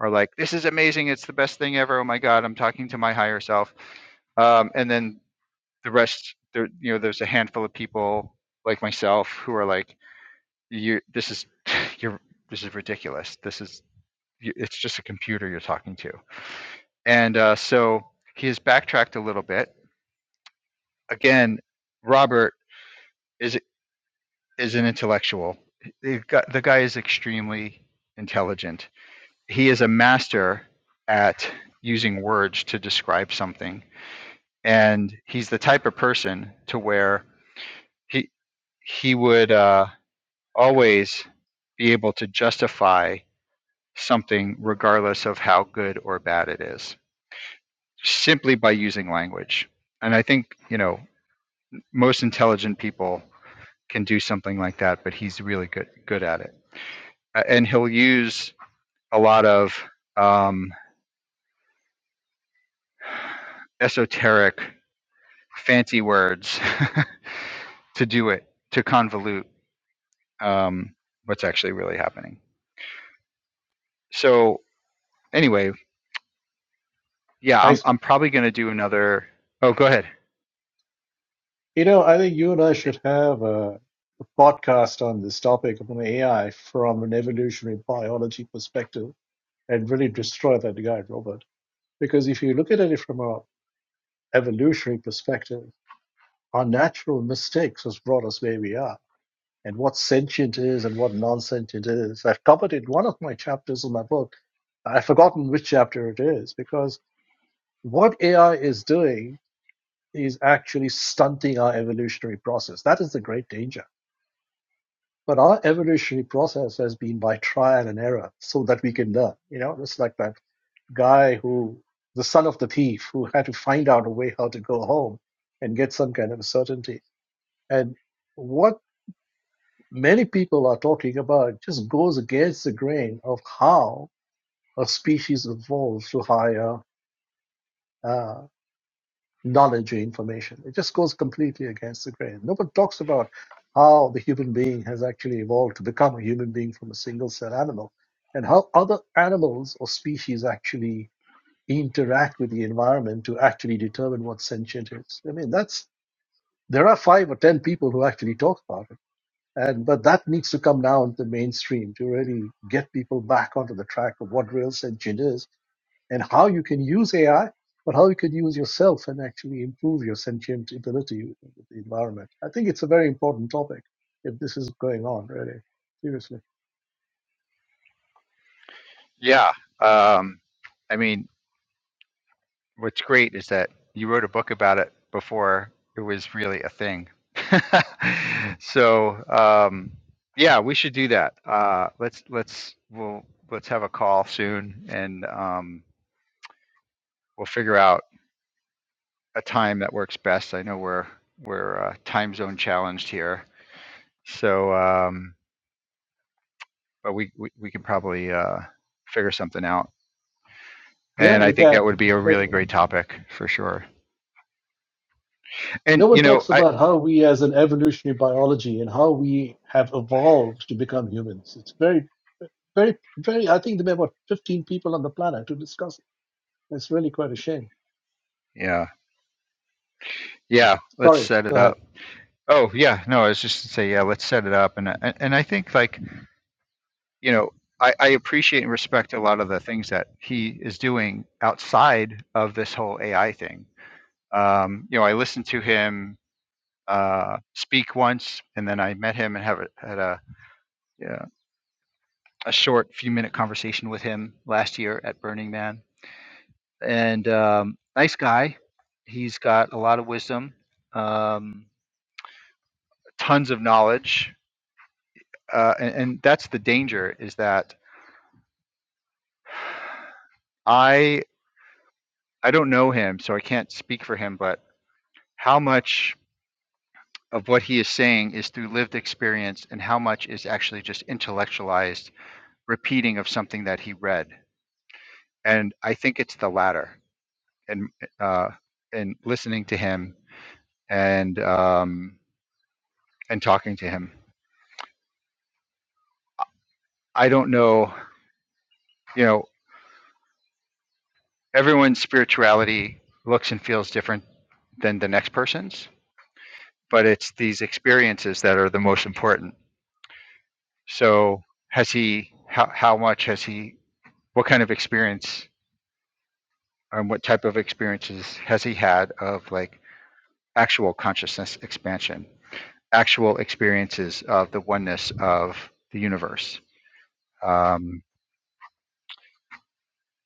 Speaker 2: are like this is amazing it's the best thing ever oh my god i'm talking to my higher self um, and then the rest there you know there's a handful of people like myself who are like you this is you're this is ridiculous this is you- it's just a computer you're talking to. And uh, so he has backtracked a little bit. Again, Robert is is an intellectual. The guy, the guy is extremely intelligent. He is a master at using words to describe something, and he's the type of person to where he he would uh, always be able to justify something regardless of how good or bad it is. simply by using language. And I think, you know, most intelligent people can do something like that, but he's really good good at it. And he'll use a lot of um, esoteric, fancy words to do it to convolute um, what's actually really happening. So anyway, yeah,
Speaker 4: I
Speaker 2: I'm I'm probably gonna do another. Oh, go ahead.
Speaker 4: You know, I think you and I should have a, a podcast on this topic of an AI from an evolutionary biology perspective and really destroy that guy, Robert. Because if you look at it from an evolutionary perspective, our natural mistakes has brought us where we are and what sentient is and what non-sentient is. I've covered it in one of my chapters in my book. I've forgotten which chapter it is because what AI is doing is actually stunting our evolutionary process. That is the great danger But our evolutionary process has been by trial and error so that we can learn, you know, just like that guy who, the son of the thief, who had to find out a way how to go home and get some kind of certainty. And what many people are talking about just goes against the grain of how a species evolves to higher. uh, knowledge or information. It just goes completely against the grain. No one talks about how the human being has actually evolved to become a human being from a single cell animal and how other animals or species actually interact with the environment to actually determine what sentient is. I mean, that's there are five or ten people who actually talk about it. And but that needs to come down to the mainstream to really get people back onto the track of what real sentient is and how you can use AI, but how you could use yourself and actually improve your sentient ability with the environment. I think it's a very important topic if this is going on, really. Seriously.
Speaker 2: Yeah. Um, I mean, what's great is that you wrote a book about it before it was really a thing. so um, yeah, we should do that. Uh, let's let's we'll let's have a call soon, and um, we'll figure out a time that works best. I know we're we're uh, time zone challenged here, so um, but we, we we can probably uh, figure something out.
Speaker 4: Yeah,
Speaker 2: And I
Speaker 4: we
Speaker 2: think
Speaker 4: can.
Speaker 2: that would be a really
Speaker 4: Certainly.
Speaker 2: great topic for sure. And
Speaker 4: No
Speaker 2: you
Speaker 4: one
Speaker 2: know,
Speaker 4: talks
Speaker 2: I
Speaker 4: about how we as an evolutionary biology and how we have evolved to become humans. It's very, very, very, I think there may be about 15 people on the planet to discuss. it. It's really quite a shame.
Speaker 2: yeah yeah, let's
Speaker 4: Sorry,
Speaker 2: set it
Speaker 4: go ahead.
Speaker 2: up. Oh yeah, no, I was just to say yeah, let's set it up, and and and I think like you know I, I appreciate and respect a lot of the things that he is doing outside of this whole AI thing. Um, you know, I listened to him uh, speak once, and then I met him and have a, had a yeah, a short few minute conversation with him last year at Burning Man, and um, nice guy. He's got a lot of wisdom, um, tons of knowledge, uh, and, and that's the danger is that I I don't know him, so I can't speak for him, but how much of what he is saying is through lived experience and how much is actually just intellectualized repeating of something that he read? And I think it's the latter. And uh, and listening to him and um, and talking to him, I don't know. You know, everyone's spirituality looks and feels different than the next person's, but it's these experiences that are the most important So has he? How how much has he? What kind of experience and what type of experiences has he had of like actual consciousness expansion, actual experiences of the oneness of the universe? Um,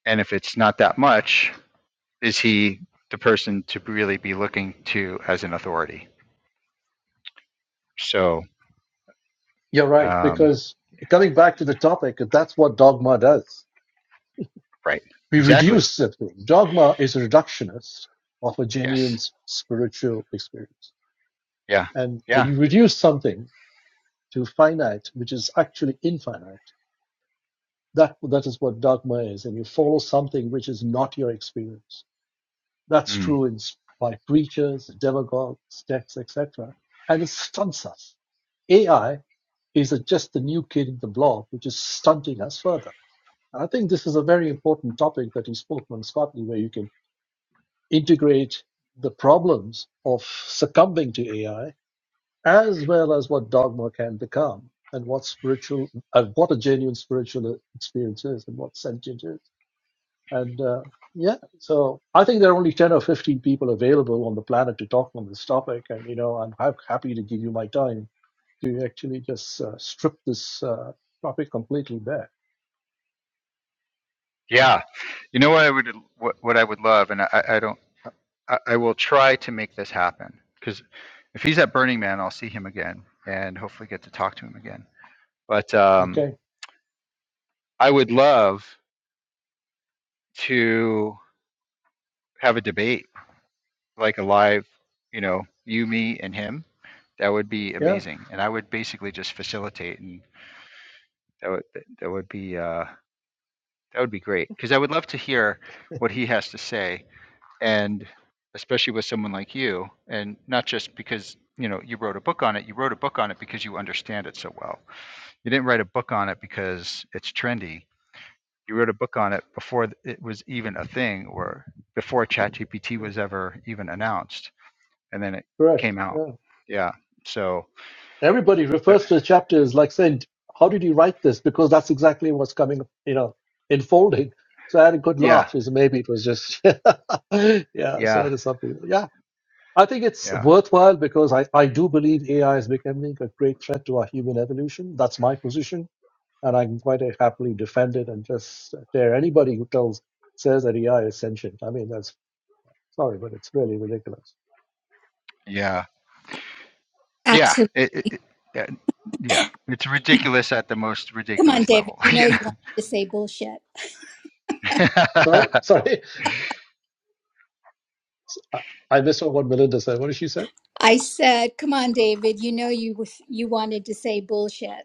Speaker 2: and if it's not that much, is he the person to really be looking to as an authority? So
Speaker 4: You're right,
Speaker 2: um,
Speaker 4: because coming back to the topic, that's what dogma does
Speaker 2: right,
Speaker 4: We
Speaker 2: exactly.
Speaker 4: reduce that thing. Dogma is a reductionist of a
Speaker 2: Yes.
Speaker 4: genuine spiritual experience.
Speaker 2: Yeah.
Speaker 4: And when
Speaker 2: Yeah.
Speaker 4: you reduce something to finite, which is actually infinite, that, that is what dogma is. And you follow something which is not your experience. That's
Speaker 2: Mm.
Speaker 4: true in, s- by preachers, demagogues, texts, etc. And it stunts us. AI is just the new kid in the block, which is stunting us further. I think this is a very important topic that you spoke on, Scotty, where you can integrate the problems of succumbing to AI as well as what dogma can become and what spiritual and what a genuine spiritual experience is and what sentient is and uh, yeah so i think there are only 10 or 15 people available on the planet to talk on this topic and you know i'm ha- happy to give you my time to actually just uh, strip this uh, topic completely bare
Speaker 2: Yeah. You know what I would what, what I would love, and I, I I don't. I, I will try to make this happen because if he's at Burning Man, I'll see him again and hopefully get to talk to him again. But um,
Speaker 4: okay
Speaker 2: I would love to have a debate, like a live, you know, you, me, and him. That would be
Speaker 4: yeah
Speaker 2: amazing, and I would basically just facilitate, and that would that would be uh, that would be great because I would love to hear what he has to say, and especially with someone like you, and not just because you know you wrote a book on it. You wrote a book on it because you understand it so well You didn't write a book on it because it's trendy. You wrote a book on it before it was even a thing or before ChatGPT was ever even announced. And then it
Speaker 4: correct
Speaker 2: came out.
Speaker 4: Yeah.
Speaker 2: Yeah. So,
Speaker 4: Everybody
Speaker 2: uh,
Speaker 4: refers to the chapter as like saying, How did you write this? Because that's exactly what's coming, you know, unfolding. So I had a good
Speaker 2: yeah,
Speaker 4: laugh, is maybe it was just, yeah, so
Speaker 2: yeah,
Speaker 4: it is something. Yeah, I think it's
Speaker 2: yeah,
Speaker 4: worthwhile because I, I do believe AI is becoming a great threat to our human evolution. That's my position. And I can quite happily defend it and just dare anybody who tells says that AI is sentient. I mean, that's sorry, but it's really ridiculous.
Speaker 2: yeah, yeah.
Speaker 1: Absolutely.
Speaker 2: It, it, it, yeah, yeah. It's ridiculous at the most
Speaker 1: Come on,
Speaker 2: ridiculous
Speaker 1: David.
Speaker 2: level.
Speaker 1: You know
Speaker 2: You know?
Speaker 1: you wanted to say bullshit.
Speaker 4: Sorry, sorry. I I missed out what Melinda said. What did she say?
Speaker 1: I said, come on, David, you know you was- you wanted to say bullshit.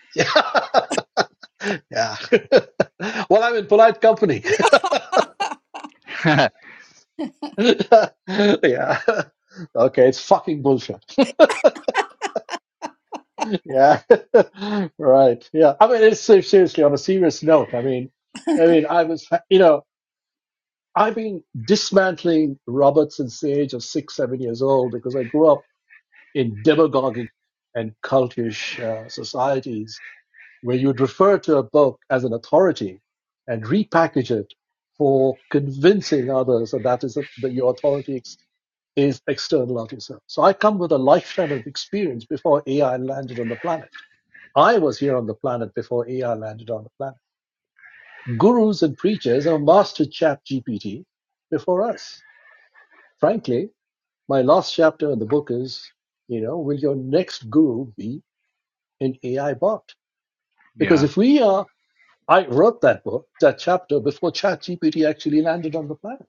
Speaker 4: Yeah. Yeah. well, I'm in polite company. yeah. Okay, it's fucking bullshit. Yeah. right. Yeah. I mean, it's seriously on a serious note. I mean, I mean, I was, you know, I've been dismantling Roberts since the age of six, seven years old because I grew up in demagogic and cultish uh, societies where you'd refer to a book as an authority and repackage it for convincing others that that is a, that your authority is external of yourself. So I come with a lifetime of experience before AI landed on the planet. I was here on the planet before AI landed on the planet. Gurus and preachers have mastered Chat GPT before us. Frankly, my last chapter in the book is, you know, will your next guru be an AI bot? Because
Speaker 2: yeah.
Speaker 4: if we are I wrote that book, that chapter, before ChatGPT actually landed on the planet.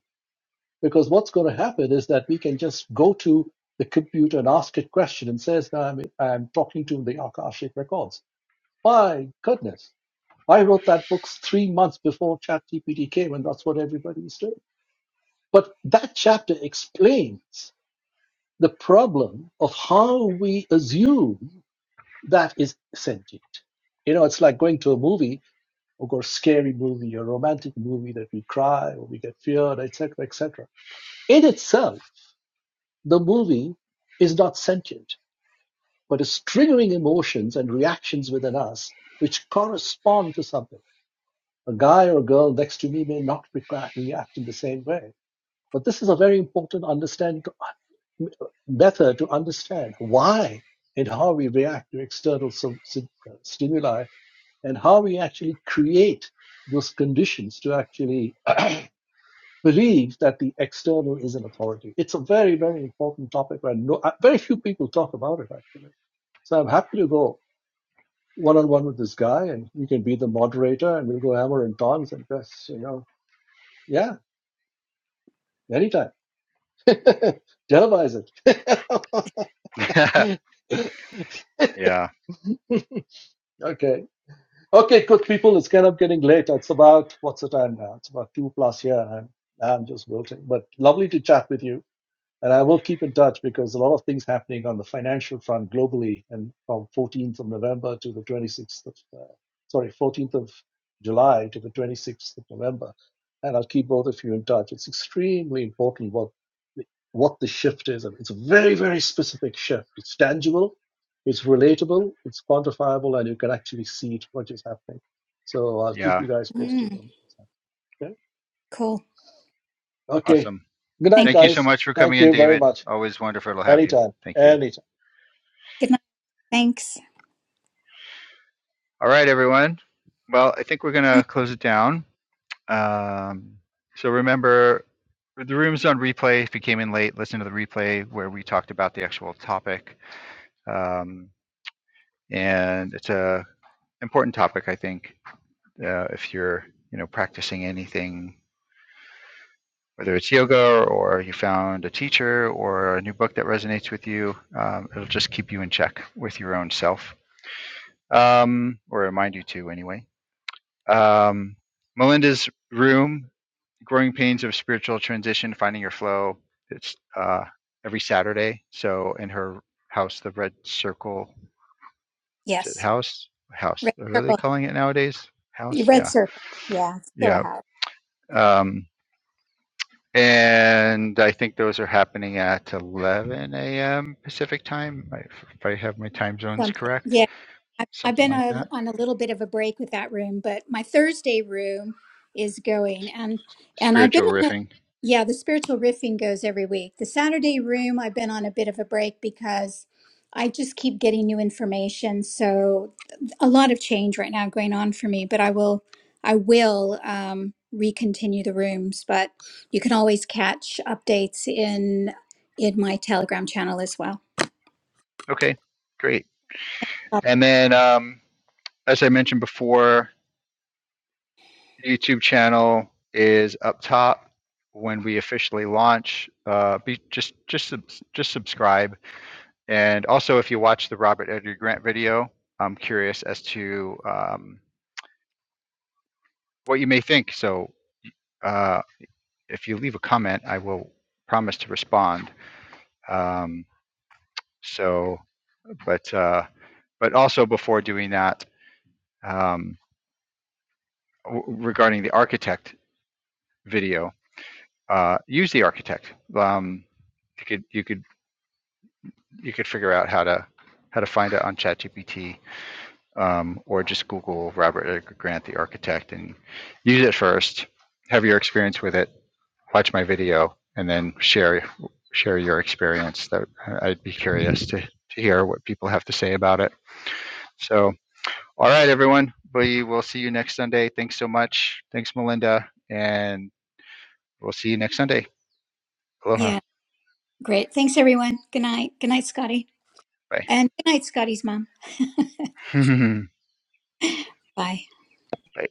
Speaker 4: Because what's going to happen is that we can just go to the computer and ask it question and says, "Now I'm, I'm talking to the Akashic records. My goodness. I wrote that book three months before ChatGPT came, and that's what everybody's doing. But that chapter explains the problem of how we assume That is sentient. You know, it's like going to a movie, of course, scary movie or a romantic movie that we cry or we get feared, etc., etc. In itself, the movie is not sentient, but is triggering emotions and reactions within us which correspond to something. A guy or a girl next to me may not react react in the same way. But this is a very important understand method to understand why and how we react to external uh, stimuli and how we actually create those conditions to actually believe that the external is an authority. It's a very, very important topic, and no, uh, very few people talk about it actually. So I'm happy to go one on one with this guy, and you can be the moderator, and we'll go hammer and tongs, and just you know, yeah, anytime. Televise it.
Speaker 2: yeah.
Speaker 4: okay. Okay, good people, it's kind of getting late. It's about, what's the time now? It's about two plus here, and I'm, I'm just wilting. But lovely to chat with you. And I will keep in touch because a lot of things happening on the financial front globally and from 14th of November to the 26th of, uh, sorry, 14th of July to the 26th of November. And I'll keep both of you in touch. It's extremely important what the, what the shift is. it's a very, very specific shift. It's tangible, it's relatable, it's quantifiable, and you can actually see it, what is happening. So I'll keep
Speaker 2: Yeah.
Speaker 4: you guys posted
Speaker 1: Mm,
Speaker 4: on what's happening.
Speaker 1: cool.
Speaker 4: Okay.
Speaker 1: Th-
Speaker 4: Okay.
Speaker 2: Awesome.
Speaker 4: Good night,
Speaker 1: Thanks.
Speaker 2: Thank you
Speaker 1: David.
Speaker 2: so
Speaker 4: guys.
Speaker 2: much for coming
Speaker 4: Thank
Speaker 2: in,
Speaker 4: you very
Speaker 2: David.
Speaker 4: much.
Speaker 2: Always wonderful to have you.
Speaker 4: Anytime.
Speaker 2: Thank you.
Speaker 4: Anytime.
Speaker 1: Good night. Thanks.
Speaker 2: All right, everyone. Well, I think we're going to close it down. Um, so remember, the room's on replay. If you came in late, listen to the replay where we talked about the actual topic. Um, and it's a important topic, I think, uh, if you're you know practicing anything, whether it's yoga or you found a teacher or a new book that resonates with you, um, it'll just keep you in check with your own self, um, or remind you to anyway. Um, Melinda's room growing pains of spiritual transition, finding your flow. It's uh, every Saturday. So in her house, the Red Circle is it
Speaker 1: Yes.
Speaker 2: house house.
Speaker 1: Red
Speaker 2: What are they
Speaker 1: circle.
Speaker 2: calling it nowadays? House,
Speaker 1: Red
Speaker 2: yeah,
Speaker 1: circle. Yeah. It's still a
Speaker 2: yeah.
Speaker 1: house.
Speaker 2: Um, and I think those are happening at 11 a.m. Pacific time, if I have my time zones
Speaker 1: Something.
Speaker 2: correct,
Speaker 1: Yeah. I- I've
Speaker 2: something
Speaker 1: been on
Speaker 2: like
Speaker 1: a,
Speaker 2: that.
Speaker 1: on a little bit of a break with that room, but my Thursday room is going, and and I've been
Speaker 2: Spiritual
Speaker 1: on a
Speaker 2: riffing.
Speaker 1: yeah. The spiritual riffing goes every week. The Saturday room I've been on a bit of a break because I just keep getting new information. So a lot of change right now going on for me, but I will I will um, recontinue the rooms. But you can always catch updates in in my Telegram channel as well.
Speaker 2: Okay, great. And then, um, as I mentioned before, YouTube channel is up top when we officially launch. Uh, be, just just just subscribe, and also if you watch the Robert Edgar Grant video, I'm curious as to um, what you may think. So uh, if you leave a comment, I will promise to respond. Um, so, but uh, but also before doing that, um, w- regarding the architect video, uh, use the architect. Um, you could you could you could figure out how to how to find it on ChatGPT um, or just Google Robert Edgar Grant, the architect, and use it first. Have your experience with it. Watch my video, and then share share your experience. That I'd be curious to, to hear what people have to say about it. So, all right, everyone, we will see you next Sunday. Thanks so much. Thanks, Melinda, and we'll see you next Sunday. Aloha.
Speaker 1: Yeah, great. Thanks, everyone. Good night. Good night, Scotty. And good night, Scotty's mom.
Speaker 2: Bye.
Speaker 1: Bye.
Speaker 2: Bye.